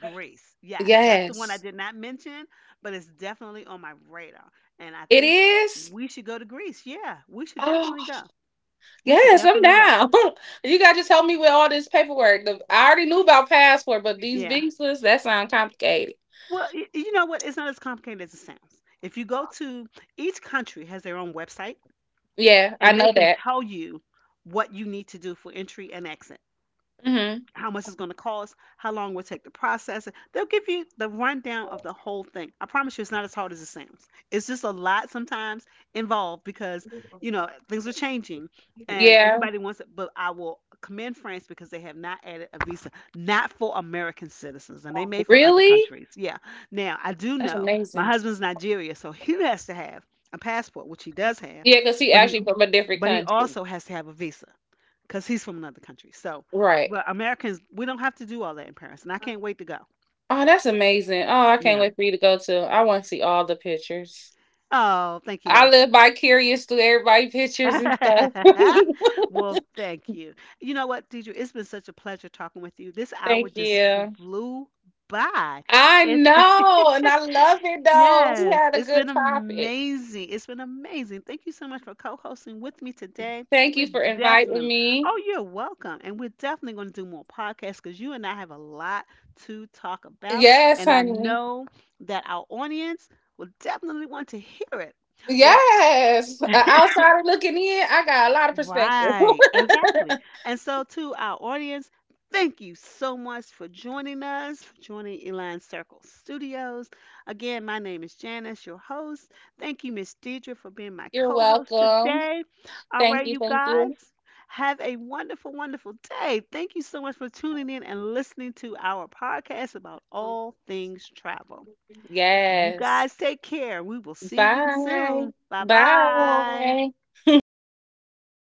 Speaker 1: Greece. Yes, that's the one I
Speaker 2: Yes.
Speaker 1: did not mention, but it's definitely on my radar. And I
Speaker 2: It
Speaker 1: think
Speaker 2: is.
Speaker 1: we should go to Greece. Yeah, we should
Speaker 2: Oh
Speaker 1: definitely go. We should
Speaker 2: yes, I'm
Speaker 1: definitely go.
Speaker 2: down. *laughs* You gotta just help me with all this paperwork. The, I already knew about passport, but these
Speaker 1: Yeah.
Speaker 2: visas, that sound complicated.
Speaker 1: Well, you know what? It's not as complicated as it sounds. If you go to each country has their own website
Speaker 2: Yeah, I
Speaker 1: and they
Speaker 2: know
Speaker 1: can
Speaker 2: that.
Speaker 1: tell you what you need to do for entry and exit,
Speaker 2: Hmm.
Speaker 1: how much it's going to cost, how long it will take to process it. They'll give you the rundown of the whole thing. I promise you, it's not as hard as it sounds. It's just a lot sometimes involved because, you know, things are changing and
Speaker 2: Yeah.
Speaker 1: everybody wants it. But I will commend France because they have not added a visa, not for American citizens, and they may for other
Speaker 2: Really?
Speaker 1: countries. Yeah. Now, I do
Speaker 2: That's
Speaker 1: know my
Speaker 2: amazing.
Speaker 1: husband's Nigeria, so he has to have a passport, which he does have,
Speaker 2: Yeah, because he
Speaker 1: but he
Speaker 2: actually from a different
Speaker 1: but he
Speaker 2: country.
Speaker 1: also has to have a visa because he's from another country. So,
Speaker 2: Right.
Speaker 1: but Americans, we don't have to do all that in Paris, and I can't wait to go.
Speaker 2: Oh, that's amazing. Oh, I can't
Speaker 1: Yeah.
Speaker 2: wait for you to go to. I want to see all the pictures.
Speaker 1: Oh, thank you,
Speaker 2: I
Speaker 1: love.
Speaker 2: live vicarious through everybody's *laughs* pictures and stuff.
Speaker 1: *laughs* Well, thank you. You know what, Deidre? It's been such a pleasure talking with you. This
Speaker 2: *laughs*
Speaker 1: hour
Speaker 2: Thank
Speaker 1: just
Speaker 2: you.
Speaker 1: flew by.
Speaker 2: I
Speaker 1: It's
Speaker 2: know, and I love it
Speaker 1: *laughs*
Speaker 2: though. We
Speaker 1: yes,
Speaker 2: had a
Speaker 1: it's
Speaker 2: good
Speaker 1: been
Speaker 2: topic.
Speaker 1: amazing. It's been amazing. Thank you so much for co-hosting with me today.
Speaker 2: Thank you
Speaker 1: We're
Speaker 2: for inviting
Speaker 1: definitely,
Speaker 2: me.
Speaker 1: oh, you're welcome. And we're definitely going to do more podcasts because you and I have a lot to talk about.
Speaker 2: Yes,
Speaker 1: And I
Speaker 2: honey.
Speaker 1: know that our audience will definitely want to hear it. Well,
Speaker 2: Yes. A
Speaker 1: *laughs*
Speaker 2: outsider looking in, I got a lot of perspective.
Speaker 1: right,
Speaker 2: *laughs*
Speaker 1: exactly. And so, to our audience, thank you so much for joining us, for joining Elan Circle Studios. Again, my name is Janice, your host. Thank you, Miss Deidre, for being my
Speaker 2: You're
Speaker 1: co host
Speaker 2: welcome.
Speaker 1: today. All
Speaker 2: Thank
Speaker 1: right,
Speaker 2: you.
Speaker 1: you
Speaker 2: Thank you.
Speaker 1: guys, have a wonderful, wonderful day. Thank you so much for tuning in and listening to our podcast about all things travel. You
Speaker 2: Yes.
Speaker 1: guys take care. We will see you
Speaker 2: Bye.
Speaker 1: soon. Bye bye.
Speaker 2: Bye. *laughs*